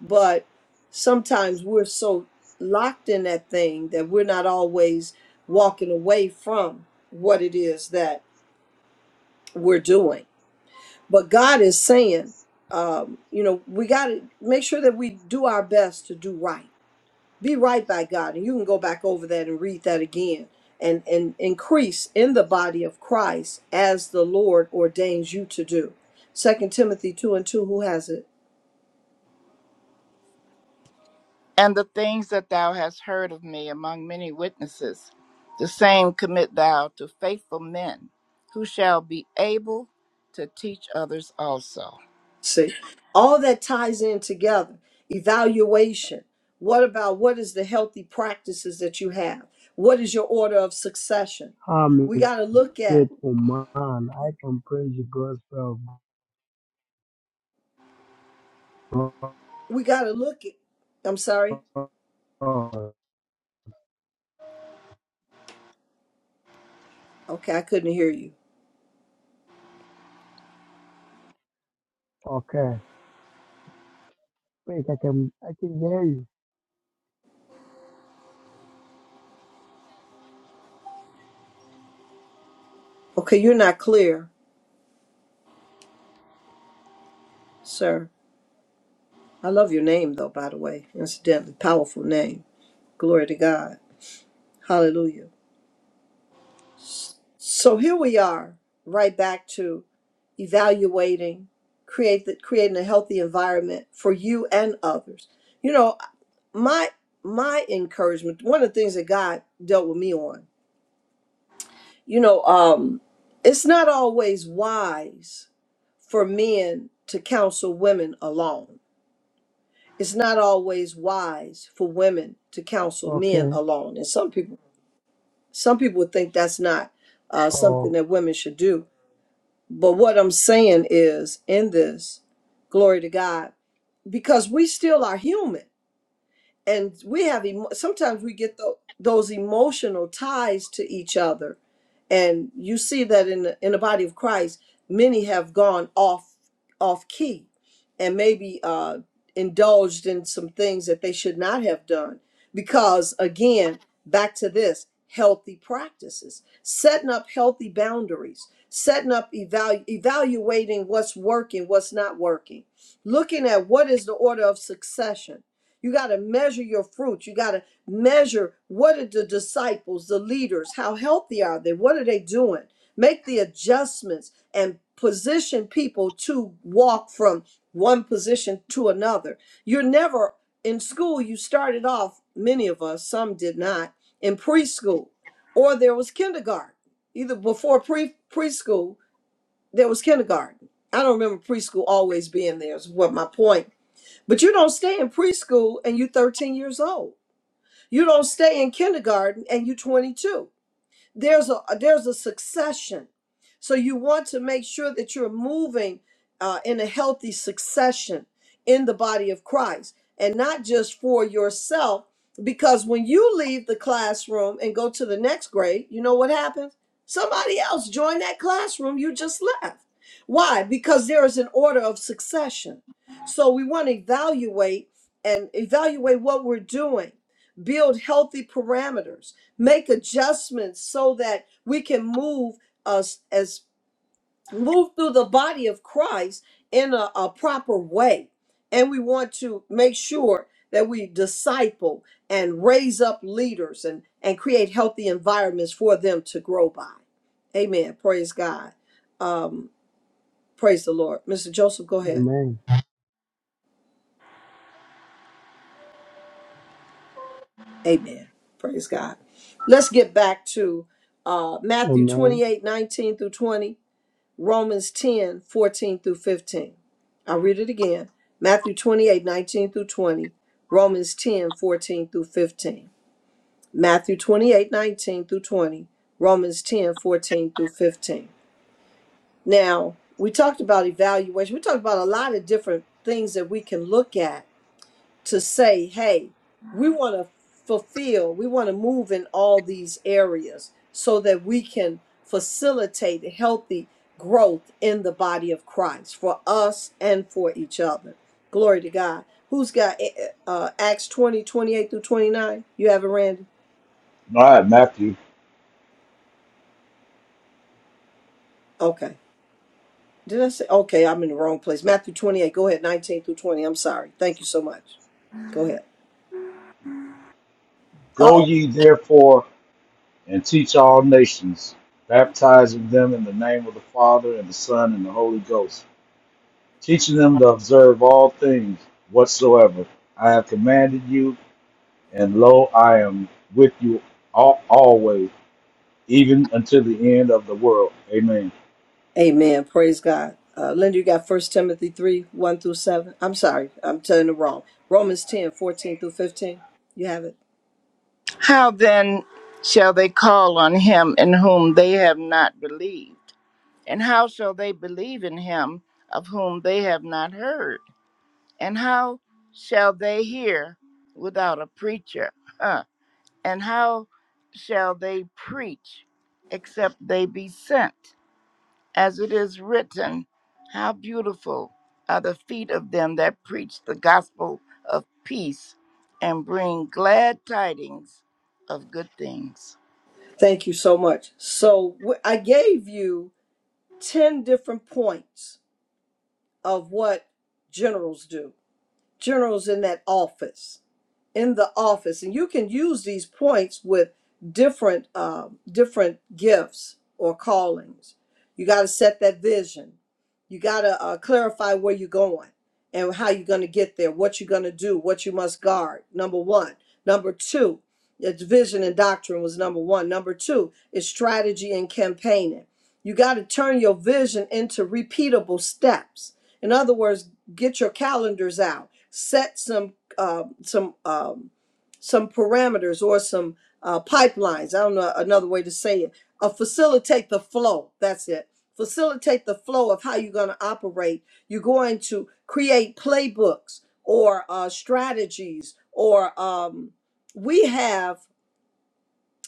S5: but sometimes we're so locked in that thing that we're not always walking away from what it is that we're doing but god is saying um, you know we got to make sure that we do our best to do right be right by god and you can go back over that and read that again and and increase in the body of christ as the lord ordains you to do second timothy 2 and 2 who has it
S2: And the things that thou hast heard of me among many witnesses, the same commit thou to faithful men, who shall be able to teach others also.
S5: See, all that ties in together. Evaluation. What about what is the healthy practices that you have? What is your order of succession?
S6: I'm
S5: We
S6: a
S5: got to look at,
S6: faithful man. I can praise the gospel of
S5: we got to look at, I'm sorry.
S6: God.
S5: Okay, I couldn't hear you.
S6: Okay. Wait, I can I can hear you.
S5: Okay, you're not clear, sir. I love your name, though, by the way. Incidentally, powerful name. Glory to God. Hallelujah. So here we are, right back to evaluating, create the, creating a healthy environment for you and others. You know, my my encouragement, one of the things that God dealt with me on, you know, um, it's not always wise for men to counsel women alone. It's not always wise for women to counsel men
S6: Okay.
S5: alone. And some people some people would think that's not uh, something
S6: Oh.
S5: that women should do But what I'm saying is, in this, glory to God, because we still are human and we have emo- sometimes we get tho- those emotional ties to each other and you see that in the, in the body of christ many have gone off off key and maybe uh indulged in some things that they should not have done because again back to this healthy practices setting up healthy boundaries setting up evalu- evaluating what's working what's not working looking at what is the order of succession you got to measure your fruit. You got to measure what are the disciples, the leaders, how healthy are they? What are they doing? Make the adjustments and position people to walk from one position to another. You're never in school, you started off, many of us, some did not, in preschool, or there was kindergarten. Either before pre preschool, there was kindergarten. I don't remember preschool always being there, is what my point but you don't stay in preschool and you're 13 years old. You don't stay in kindergarten and you're 22 there's a there's a succession so you want to make sure that you're moving uh, in a healthy succession in the body of christ and not just for yourself because when you leave the classroom and go to the next grade you know what happens somebody else join that classroom you just left why because there is an order of succession so we want to evaluate and evaluate what we're doing build healthy parameters make adjustments so that we can move us as move through the body of Christ in a, a proper way. And we want to make sure that we disciple and raise up leaders and, and create healthy environments for them to grow by. Amen. Praise God. Um, praise the Lord. Mr. Joseph, go ahead.
S6: Amen.
S5: Amen. Praise God. Let's get back to uh, Matthew
S6: Amen.
S5: 28, 19 through 20 Romans 10 14 through 15. I'll read it again. Matthew 28 19 through 20. Romans 10 14 through 15. Matthew 28 19 through 20. Romans 10 14 through 15. Now, we talked about evaluation. We talked about a lot of different things that we can look at to say, hey, we want to fulfill, we want to move in all these areas so that we can facilitate healthy growth in the body of Christ for us and for each other. Glory to God. Who's got eh, eh, uh, Acts 20 28 through 29? You have it, Randy?
S4: All right, Matthew.
S5: Okay. Did I say? Okay, I'm in the wrong place. Matthew 28. Go ahead. 19 through 20. I'm sorry. Thank you so much. Go ahead. Uh oh.
S4: Go ye therefore and teach all nations, baptizing them in the name of the Father and the Son and the Holy Ghost, teaching them to observe all things whatsoever I have commanded you, and lo, I am with you all, always, even until the end of the world. Amen.
S5: Amen. Praise God. Uh, Linda, you got First Timothy 3 1 through 7. I'm sorry, I'm telling it wrong. Romans 10 14 through 15. You have it.
S2: How then shall they call on him in whom they have not believed? And how shall they believe in him of whom they have not heard? And how shall they hear without a preacher? Huh. And how shall they preach except they be sent? As it is written, How beautiful are the feet of them that preach the gospel of peace and bring glad tidings of good things.
S5: Thank you so much. So wh- I gave you 10 different points of what generals do. generals in that office in the office and you can use these points with different uh, different gifts or callings you got to set that vision you got to uh, clarify where you're going and how you're going to get there what you're going to do what you must guard number one number two it's vision and doctrine was number one number two is strategy and campaigning you got to turn your vision into repeatable steps in other words get your calendars out set some uh, some um, some parameters or some uh, pipelines. I don't know another way to say it. Uh, facilitate the flow. That's it. Facilitate the flow of how you're going to operate. You're going to create playbooks or uh, strategies or um, we have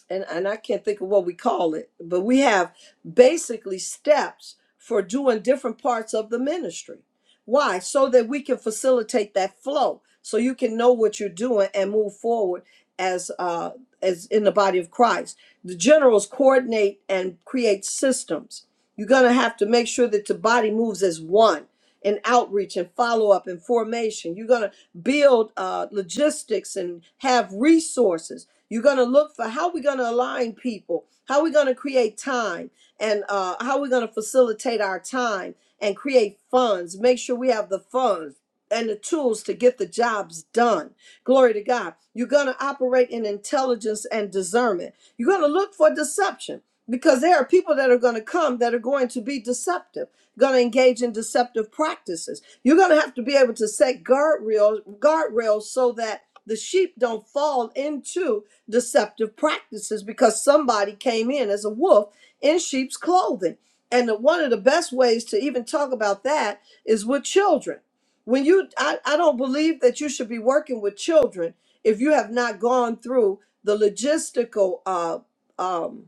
S5: and, and I can't think of what we call it, but we have basically steps for doing different parts of the ministry. Why? So that we can facilitate that flow, so you can know what you're doing and move forward as uh, as in the body of Christ. The generals coordinate and create systems. You're gonna have to make sure that the body moves as one in outreach and follow up and formation. You're gonna build uh, logistics and have resources you're going to look for how we're going to align people, how we're going to create time, and uh, how we're going to facilitate our time and create funds. Make sure we have the funds and the tools to get the jobs done. Glory to God. You're going to operate in intelligence and discernment. You're going to look for deception because there are people that are going to come that are going to be deceptive, going to engage in deceptive practices. You're going to have to be able to set guardrails, guardrails so that the sheep don't fall into deceptive practices because somebody came in as a wolf in sheep's clothing. And the, one of the best ways to even talk about that is with children. When you, I, I don't believe that you should be working with children if you have not gone through the logistical uh, um,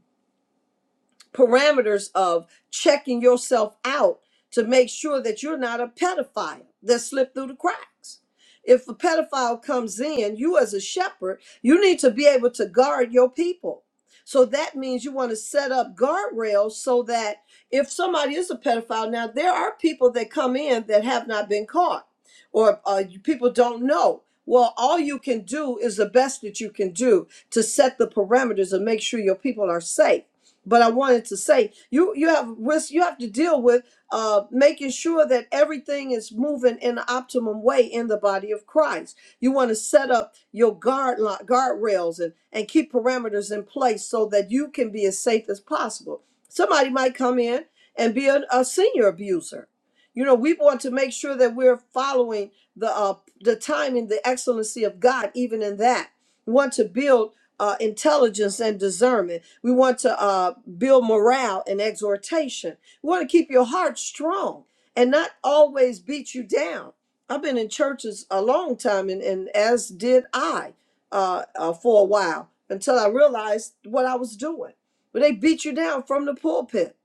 S5: parameters of checking yourself out to make sure that you're not a pedophile that slipped through the cracks. If a pedophile comes in, you as a shepherd, you need to be able to guard your people. So that means you want to set up guardrails so that if somebody is a pedophile, now there are people that come in that have not been caught or uh, people don't know. Well, all you can do is the best that you can do to set the parameters and make sure your people are safe but I wanted to say you you have risk you have to deal with uh, making sure that everything is moving in the optimum way in the body of Christ. You want to set up your guard li- guardrails and and keep parameters in place so that you can be as safe as possible. Somebody might come in and be an- a senior abuser. You know, we want to make sure that we're following the uh, the timing, the excellency of God, even in that. We want to build uh, intelligence and discernment. We want to. uh build morale and exhortation. We want to keep your heart strong and not always beat you down. I've been in churches a long time, and, and as did I uh, uh, for a while until I realized what I was doing. But they beat you down from the pulpit.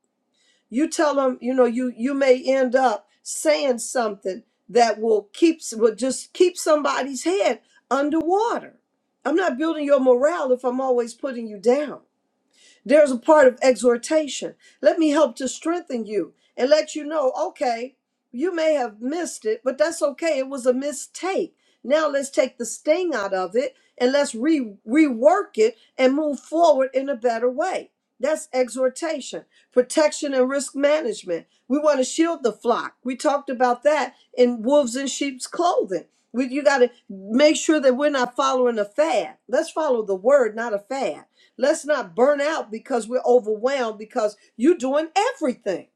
S5: You tell them, you know, you you may end up saying something that will keep will just keep somebody's head underwater. I'm not building your morale if I'm always putting you down. There's a part of exhortation. Let me help to strengthen you and let you know, okay, you may have missed it, but that's okay. It was a mistake. Now let's take the sting out of it and let's re- rework it and move forward in a better way. That's exhortation, protection, and risk management. We want to shield the flock. We talked about that in wolves in sheep's clothing. We, you got to make sure that we're not following a fad. Let's follow the word, not a fad. Let's not burn out because we're overwhelmed because you're doing everything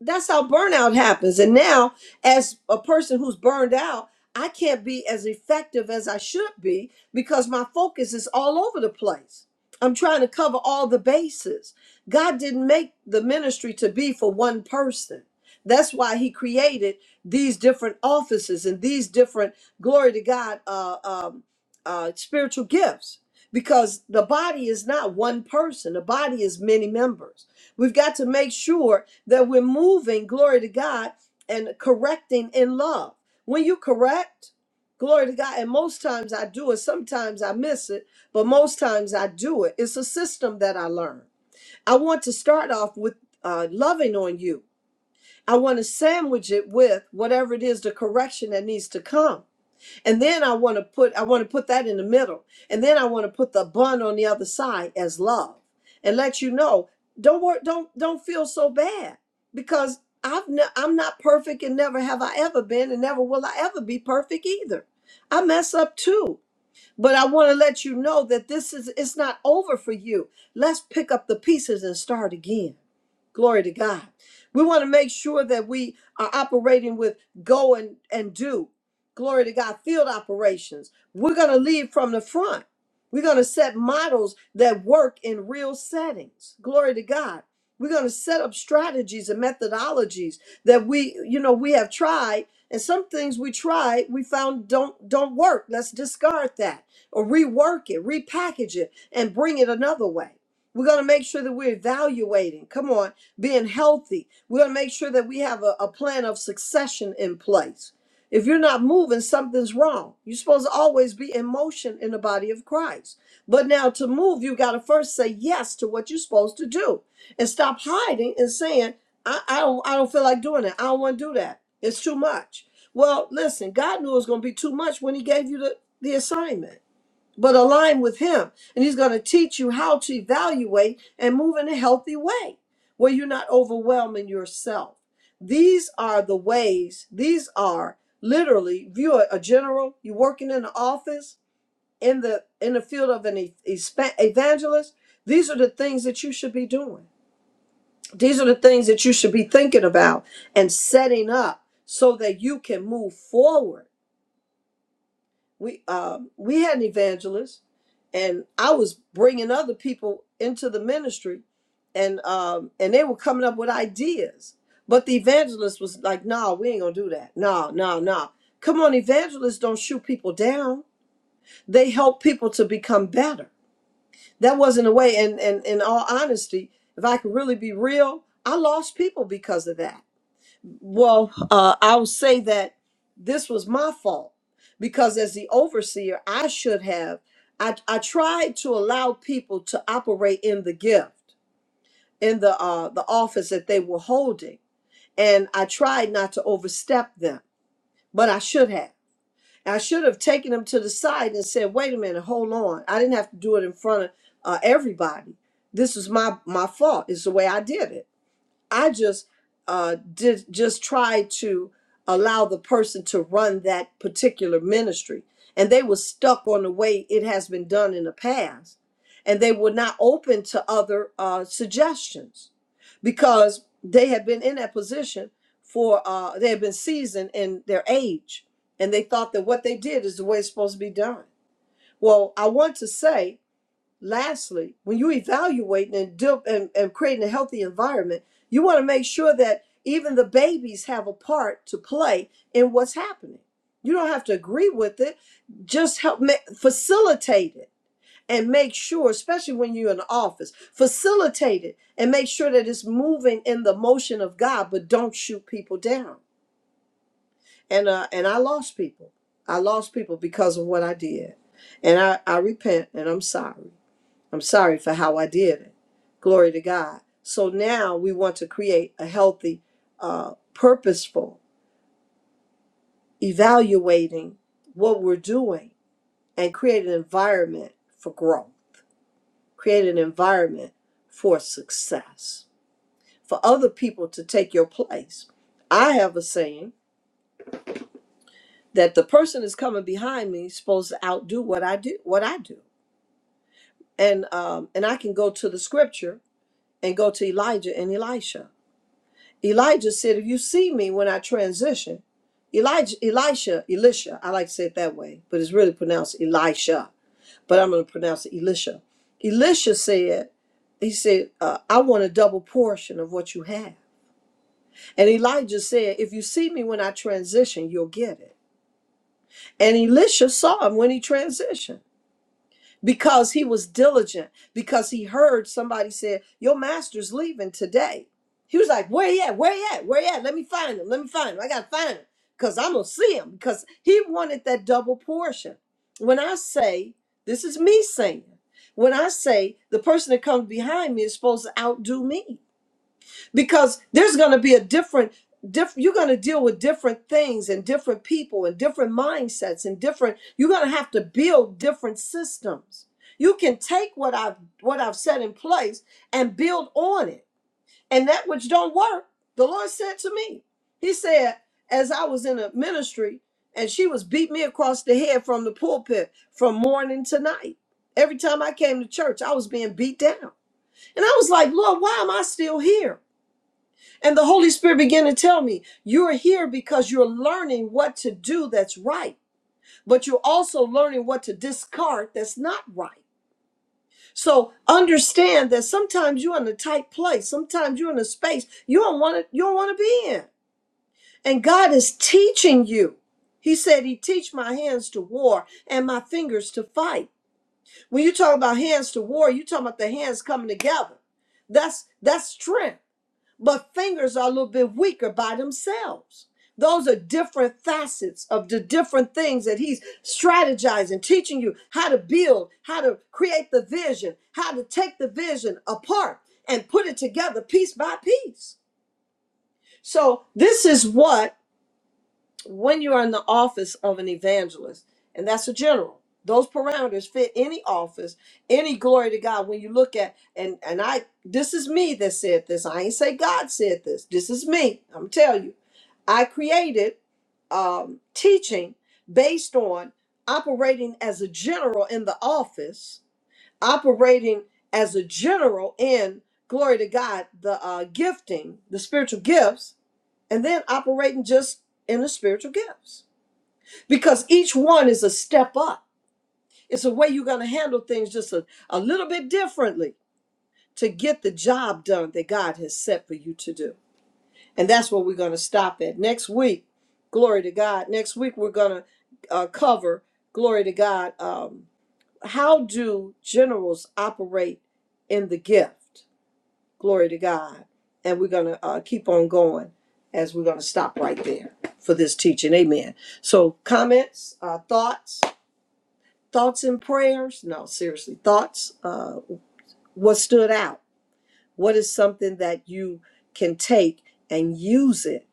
S5: that's how burnout happens. And now, as a person who's burned out, I can't be as effective as I should be because my focus is all over the place. I'm trying to cover all the bases. God didn't make the ministry to be for one person. That's why He created these different offices and these different, glory to God, uh, um, uh, spiritual gifts because the body is not one person, the body is many members. We've got to make sure that we're moving, glory to God, and correcting in love. When you correct, glory to God, and most times I do it, sometimes I miss it, but most times I do it. It's a system that I learned. I want to start off with uh, loving on you, I want to sandwich it with whatever it is the correction that needs to come and then I want to put I want to put that in the middle. And then I want to put the bun on the other side as love and let you know don't work don't don't feel so bad because I've ne- I'm not perfect and never have I ever been and never will I ever be perfect either. I mess up too. But I want to let you know that this is it's not over for you. Let's pick up the pieces and start again. Glory to God. We want to make sure that we are operating with go and, and do. Glory to God. Field operations. We're going to lead from the front. We're going to set models that work in real settings. Glory to God. We're going to set up strategies and methodologies that we, you know, we have tried and some things we tried we found don't don't work. Let's discard that or rework it, repackage it and bring it another way. We're going to make sure that we're evaluating, come on, being healthy. We're going to make sure that we have a, a plan of succession in place. If you're not moving, something's wrong. You're supposed to always be in motion in the body of Christ. But now to move, you got to first say yes to what you're supposed to do and stop hiding and saying, I, I, don't, I don't feel like doing it. I don't want to do that. It's too much. Well, listen, God knew it was going to be too much when He gave you the, the assignment but align with him and he's going to teach you how to evaluate and move in a healthy way where you're not overwhelming yourself these are the ways these are literally if you're a general you're working in an office in the in the field of an e- espa- evangelist these are the things that you should be doing these are the things that you should be thinking about and setting up so that you can move forward we um, we had an evangelist, and I was bringing other people into the ministry, and um, and they were coming up with ideas. But the evangelist was like, "No, nah, we ain't gonna do that. No, no, no. Come on, evangelists don't shoot people down. They help people to become better. That wasn't a way. And and in all honesty, if I could really be real, I lost people because of that well, uh, I'll say that this was my fault because as the overseer, I should have. I, I tried to allow people to operate in the gift, in the uh, the office that they were holding, and I tried not to overstep them, but I should have. I should have taken them to the side and said, "Wait a minute, hold on." I didn't have to do it in front of uh, everybody. This is my my fault. It's the way I did it I just uh, did just try to allow the person to run that particular ministry, and they were stuck on the way it has been done in the past, and they were not open to other uh, suggestions because they had been in that position for uh, they had been seasoned in their age, and they thought that what they did is the way it's supposed to be done. Well, I want to say Lastly, when you evaluating and, deal, and, and creating a healthy environment, you want to make sure that even the babies have a part to play in what's happening. You don't have to agree with it, just help ma- facilitate it and make sure, especially when you're in the office, facilitate it and make sure that it's moving in the motion of God, but don't shoot people down. And uh, and I lost people. I lost people because of what I did. And I, I repent and I'm sorry. I'm sorry for how I did it. Glory to God. So now we want to create a healthy, uh, purposeful evaluating what we're doing and create an environment for growth, create an environment for success, for other people to take your place. I have a saying that the person that's coming behind me is supposed to outdo what I do, what I do. And um, and I can go to the scripture and go to Elijah and Elisha Elijah said, If you see me when I transition, Elijah, Elisha, Elisha, I like to say it that way, but it's really pronounced Elisha, but I'm going to pronounce it Elisha. Elisha said, He said, uh, I want a double portion of what you have. And Elijah said, If you see me when I transition, you'll get it. And Elisha saw him when he transitioned because he was diligent, because he heard somebody said, Your master's leaving today. He was like, Where he at? Where he at? Where he at? Let me find him. Let me find him. I gotta find him. Because I'm gonna see him. Because he wanted that double portion. When I say, this is me saying, when I say the person that comes behind me is supposed to outdo me because there's going to be a different diff, you're going to deal with different things and different people and different mindsets and different you're going to have to build different systems you can take what i've what i've set in place and build on it and that which don't work the lord said to me he said as i was in a ministry and she was beat me across the head from the pulpit from morning to night every time i came to church i was being beat down and i was like lord why am i still here and the Holy Spirit began to tell me, you're here because you're learning what to do that's right, but you're also learning what to discard that's not right. So understand that sometimes you're in a tight place, sometimes you're in a space you don't want to you don't want to be in. And God is teaching you. He said he teach my hands to war and my fingers to fight. When you talk about hands to war, you talk about the hands coming together. That's that's strength but fingers are a little bit weaker by themselves. Those are different facets of the different things that he's strategizing, teaching you how to build, how to create the vision, how to take the vision apart and put it together piece by piece. So, this is what when you are in the office of an evangelist, and that's a general, those parameters fit any office, any glory to God. When you look at and and I this is me that said this. I ain't say God said this. This is me. I'm telling you. I created um, teaching based on operating as a general in the office, operating as a general in glory to God, the uh, gifting, the spiritual gifts, and then operating just in the spiritual gifts because each one is a step up it's a way you're going to handle things just a, a little bit differently to get the job done that god has set for you to do and that's where we're going to stop at next week glory to god next week we're going to uh, cover glory to god um, how do generals operate in the gift Glory to God. And we're going to uh, keep on going as we're going to stop right there for this teaching. Amen. So, comments, uh, thoughts, thoughts and prayers. No, seriously, thoughts. Uh, what stood out? What is something that you can take and use it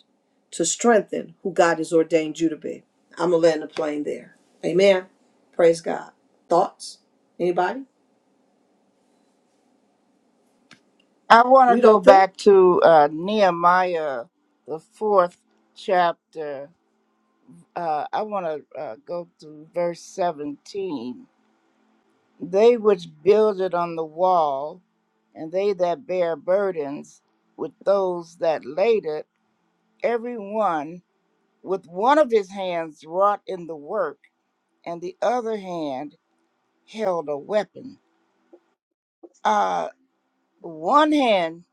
S5: to strengthen who God has ordained you to be? I'm going to land the plane there. Amen. Praise God. Thoughts? Anybody?
S2: I want
S5: We
S2: to go
S5: don't think.
S2: back to uh, Nehemiah, the fourth chapter. Uh, I want to uh, go to verse 17 They which build it on the wall, and they that bear burdens with those that laid it, every one with one of his hands wrought in the work, and the other hand held a weapon. Uh, one hand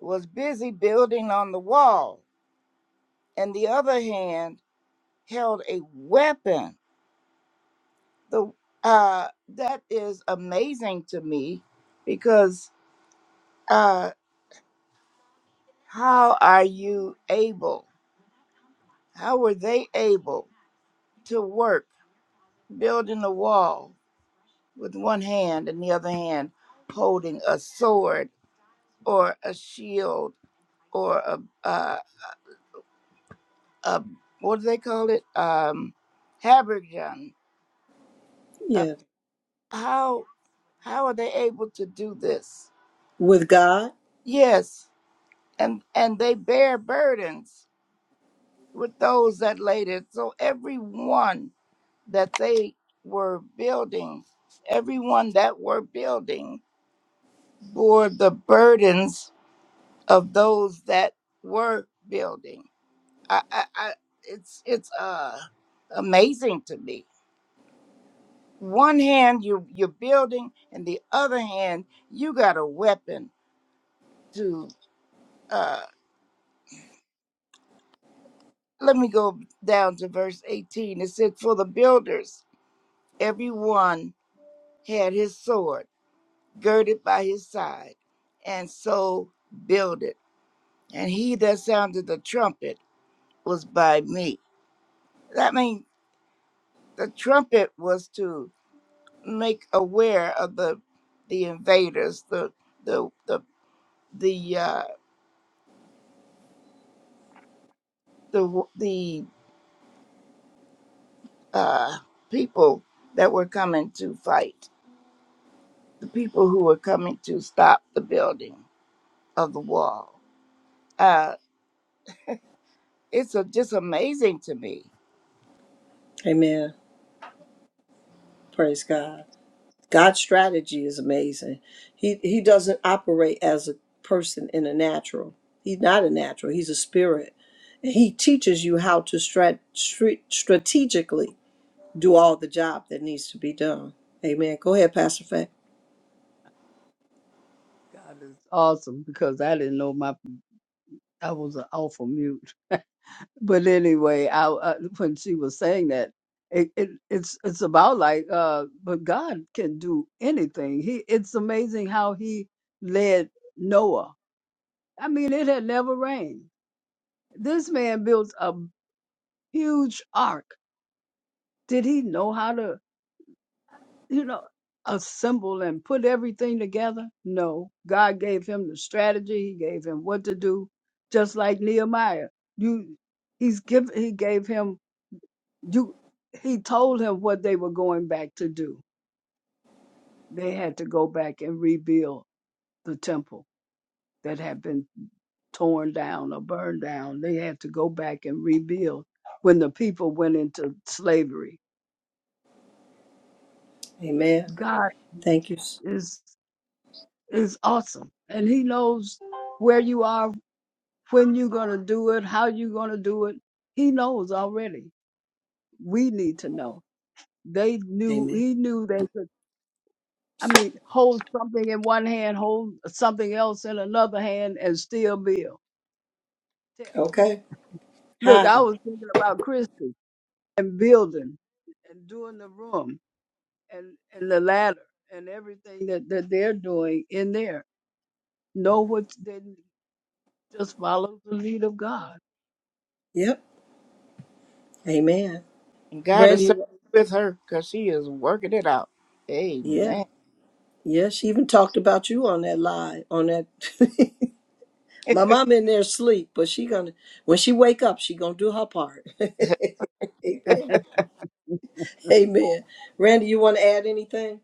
S2: was busy building on the wall, and the other hand held a weapon. The uh, that is amazing to me because uh, how are you able? How were they able to work building a wall with one hand and the other hand holding a sword or a shield or a, uh, a what do they call it? Um, habergeon. Uh,
S5: Yeah.
S2: how how are they able to do this?
S5: With God.
S2: Yes, and and they bear burdens with those that laid it. So everyone that they were building, everyone that were building bore the burdens of those that were building. I, I, I it's it's uh amazing to me. One hand you you're building, and the other hand you got a weapon to. Uh, let me go down to verse eighteen. It said, "For the builders, every one had his sword girded by his side, and so build it. And he that sounded the trumpet was by me." That means the trumpet was to make aware of the the invaders, the the the the uh, the the uh, people that were coming to fight, the people who were coming to stop the building of the wall. Uh, it's a, just amazing to me,
S5: Amen. Praise God. God's strategy is amazing. He he doesn't operate as a person in a natural. He's not a natural. He's a spirit. And he teaches you how to strat, stra- strategically do all the job that needs to be done. Amen. Go ahead, Pastor Faye.
S3: God is awesome because I didn't know my I was an awful mute. But anyway, I, I when she was saying that, it, it it's it's about like, uh, but God can do anything. He it's amazing how He led Noah I mean, it had never rained. This man built a huge ark. Did he know how to, you know, assemble and put everything together? No. God gave him the strategy. He gave him what to do. Just like Nehemiah, you, he's give, he gave him you. He told him what they were going back to do. They had to go back and rebuild the temple that had been torn down or burned down. They had to go back and rebuild when the people went into slavery.
S5: Amen.
S3: God
S5: Thank you.
S3: is is awesome, and He knows where you are, when you're gonna do it, how you're gonna do it. He knows already. We need to know. They knew.
S5: Amen.
S3: He knew they could. I mean, hold something in one hand, hold something else in another hand, and still build.
S5: Okay.
S3: Look, I
S5: How?
S3: was thinking about Christie. and building and doing the room and, and the ladder and everything that, that they're doing in there. Know what they just follow the lead of God.
S5: Yep. Amen.
S2: and God is
S5: Randy.
S2: certainly with her because she is working it out.
S5: Yeah.
S2: Amen.
S5: Yeah. She even talked about you on that live on that My mom in there asleep, but she gonna when she wake up, she gonna do her part. Amen. Amen. Randy, you want to add anything?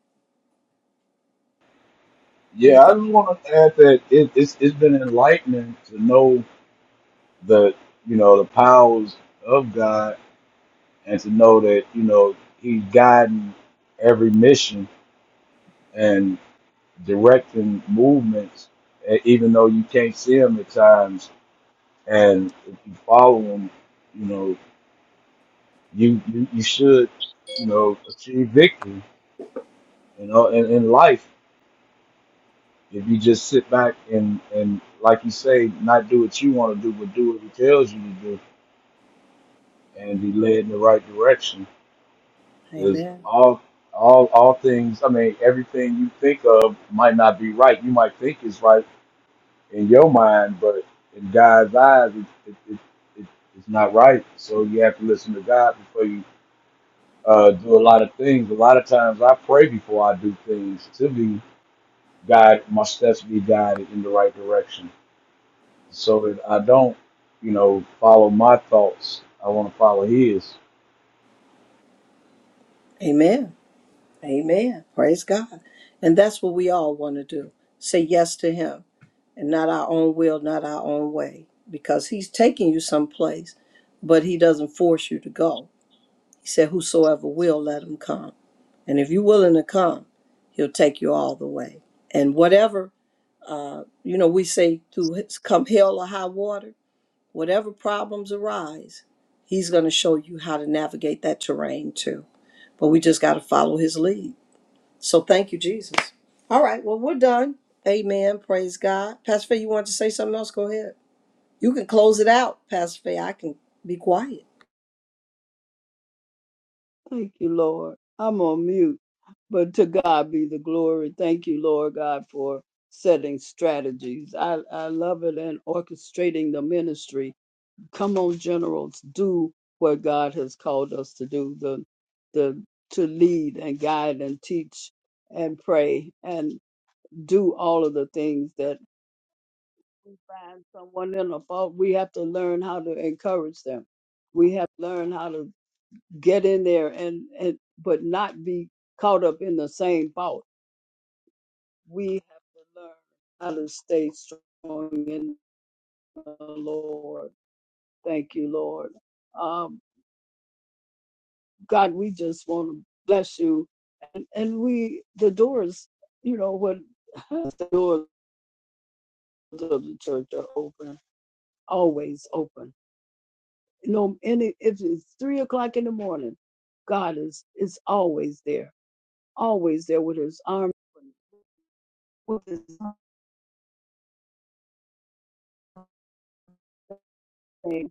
S5: Any
S4: Yeah, I
S5: thought?
S4: just want to add that it, it's, it's been enlightening to know the you know the powers of God and to know that you know He's guiding every mission and directing movements, e- even though you can't see Him at times. And if you follow Him, you know you you, you should you know achieve victory. You know, in, in life, if you just sit back and and like you say, not do what you want to do, but do what He tells you to do, and be led in the right direction Because
S5: Amen.
S4: all, all, all things, I mean, everything you think of might not be right. You might think it's right in your mind, but in God's eyes, it, it, it, it, it's not right. So you have to listen to God before you uh, do a lot of things. A lot of times I pray before I do things to be guided, my steps be guided in the right direction so that I don't, you know, follow my thoughts. I want to follow His.
S5: Amen. Amen. Praise God. And that's what we all want to do. Say yes to Him, and not our own will, not our own way, because He's taking you someplace, but He doesn't force you to go. He said, "Whosoever will, let him come." And if you're willing to come, He'll take you all the way. And whatever Uh, you know, we say through his- come hell or high water, whatever problems arise, he's going to show you how to navigate that terrain too. But we just got to follow his lead. So thank you, Jesus. All right, well, we're done. Amen. Praise God. Pastor Faye, you want to say something else? Go ahead. You can close it out, Pastor Faye. I can be quiet.
S3: Thank you, Lord. I'm on mute, but to God be the glory. Thank you, Lord God, for setting strategies. I, I love it and orchestrating the ministry. Come on, generals, do what God has called us to do. The the to lead and guide and teach and pray. And do all of the things that we find someone in a fault. We have to learn how to encourage them. We have to learn how to get in there and, and but not be caught up in the same fault. We have to learn how to stay strong in the Lord. Thank you, Lord. Um, God, we just want to bless you. And, and we, the doors, you know, when the doors of the church are open, always open no any if it's three o'clock in the morning, God is is always there, always there with his arm with his hand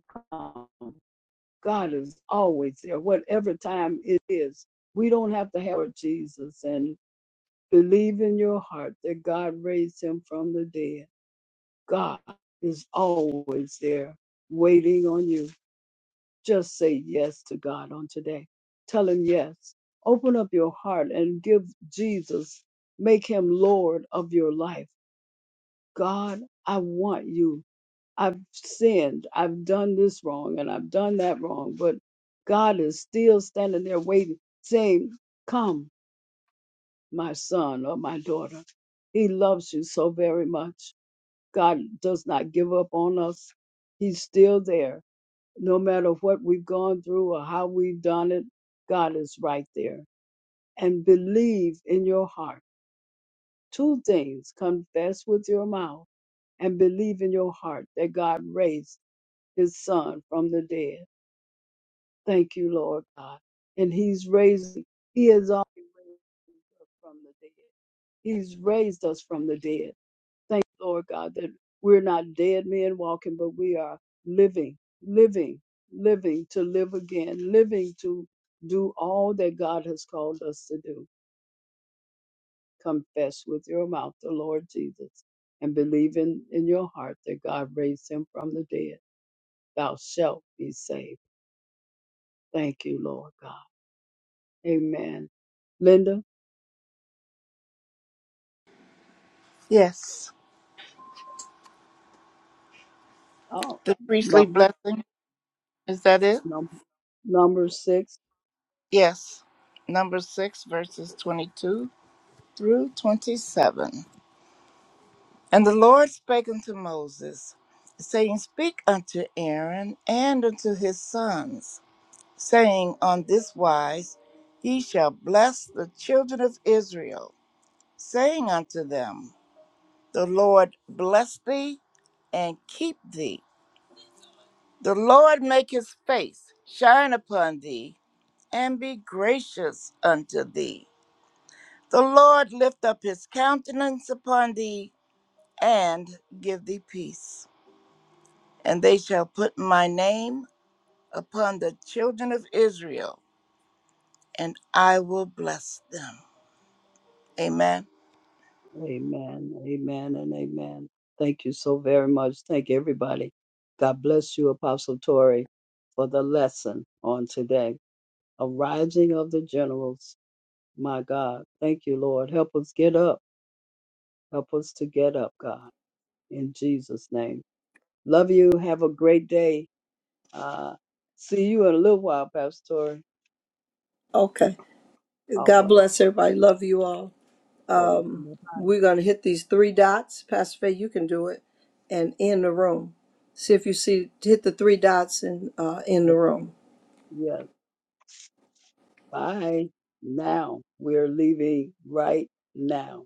S3: God is always there, whatever time it is. We don't have to have Jesus and believe in your heart that God raised him from the dead. God is always there waiting on you. Just say yes to God on today. Tell Him yes. Open up your heart and give Jesus, make Him Lord of your life. God, I want you. I've sinned. I've done this wrong and I've done that wrong. But God is still standing there waiting, saying, Come, my son or my daughter. He loves you so very much. God does not give up on us. He's still there no matter what we've gone through or how we've done it, God is right there. And believe in your heart. Two things confess with your mouth and believe in your heart that God raised his son from the dead. Thank you, Lord God. And he's raised, he has already raised us from the dead. He's raised us from the dead. Thank you, Lord God, that we're not dead men walking, but we are living, living, living to live again, living to do all that God has called us to do. Confess with your mouth the Lord Jesus and believe in, in your heart that God raised him from the dead. Thou shalt be saved. Thank you, Lord God. Amen. Linda,
S2: Yes,
S3: oh,
S2: the priestly
S3: number,
S2: blessing is that it?
S3: number, number six.
S2: Yes, number six, verses twenty-two through 27. And the Lord spake unto Moses, saying, Speak unto Aaron and unto his sons, saying, On this wise ye shall bless the children of Israel, saying unto them, The Lord bless thee and keep thee. The Lord make his face shine upon thee and be gracious unto thee. The Lord lift up his countenance upon thee and give thee peace. And they shall put my name upon the children of Israel, and I will bless them. Amen.
S3: Amen. Amen and amen. Thank you so very much. Thank everybody. God bless you, Apostle Tori, for the lesson on today. A rising of the generals. My God. Thank you, Lord. Help us get up. Help us to get up, God. In Jesus' name. Love you. Have a great day. Uh, see you in a little while, Pastor Tori.
S5: Okay.
S3: All
S5: God
S3: right.
S5: bless everybody. Love you all.
S3: Okay.
S5: Um,
S3: Bye.
S5: we're going to hit these three dots. Pastor Faye, you can do it and in the room. See if you see, hit the three dots and uh, in
S3: I
S5: the room.
S3: think, yes. Bye. Now we're leaving right now.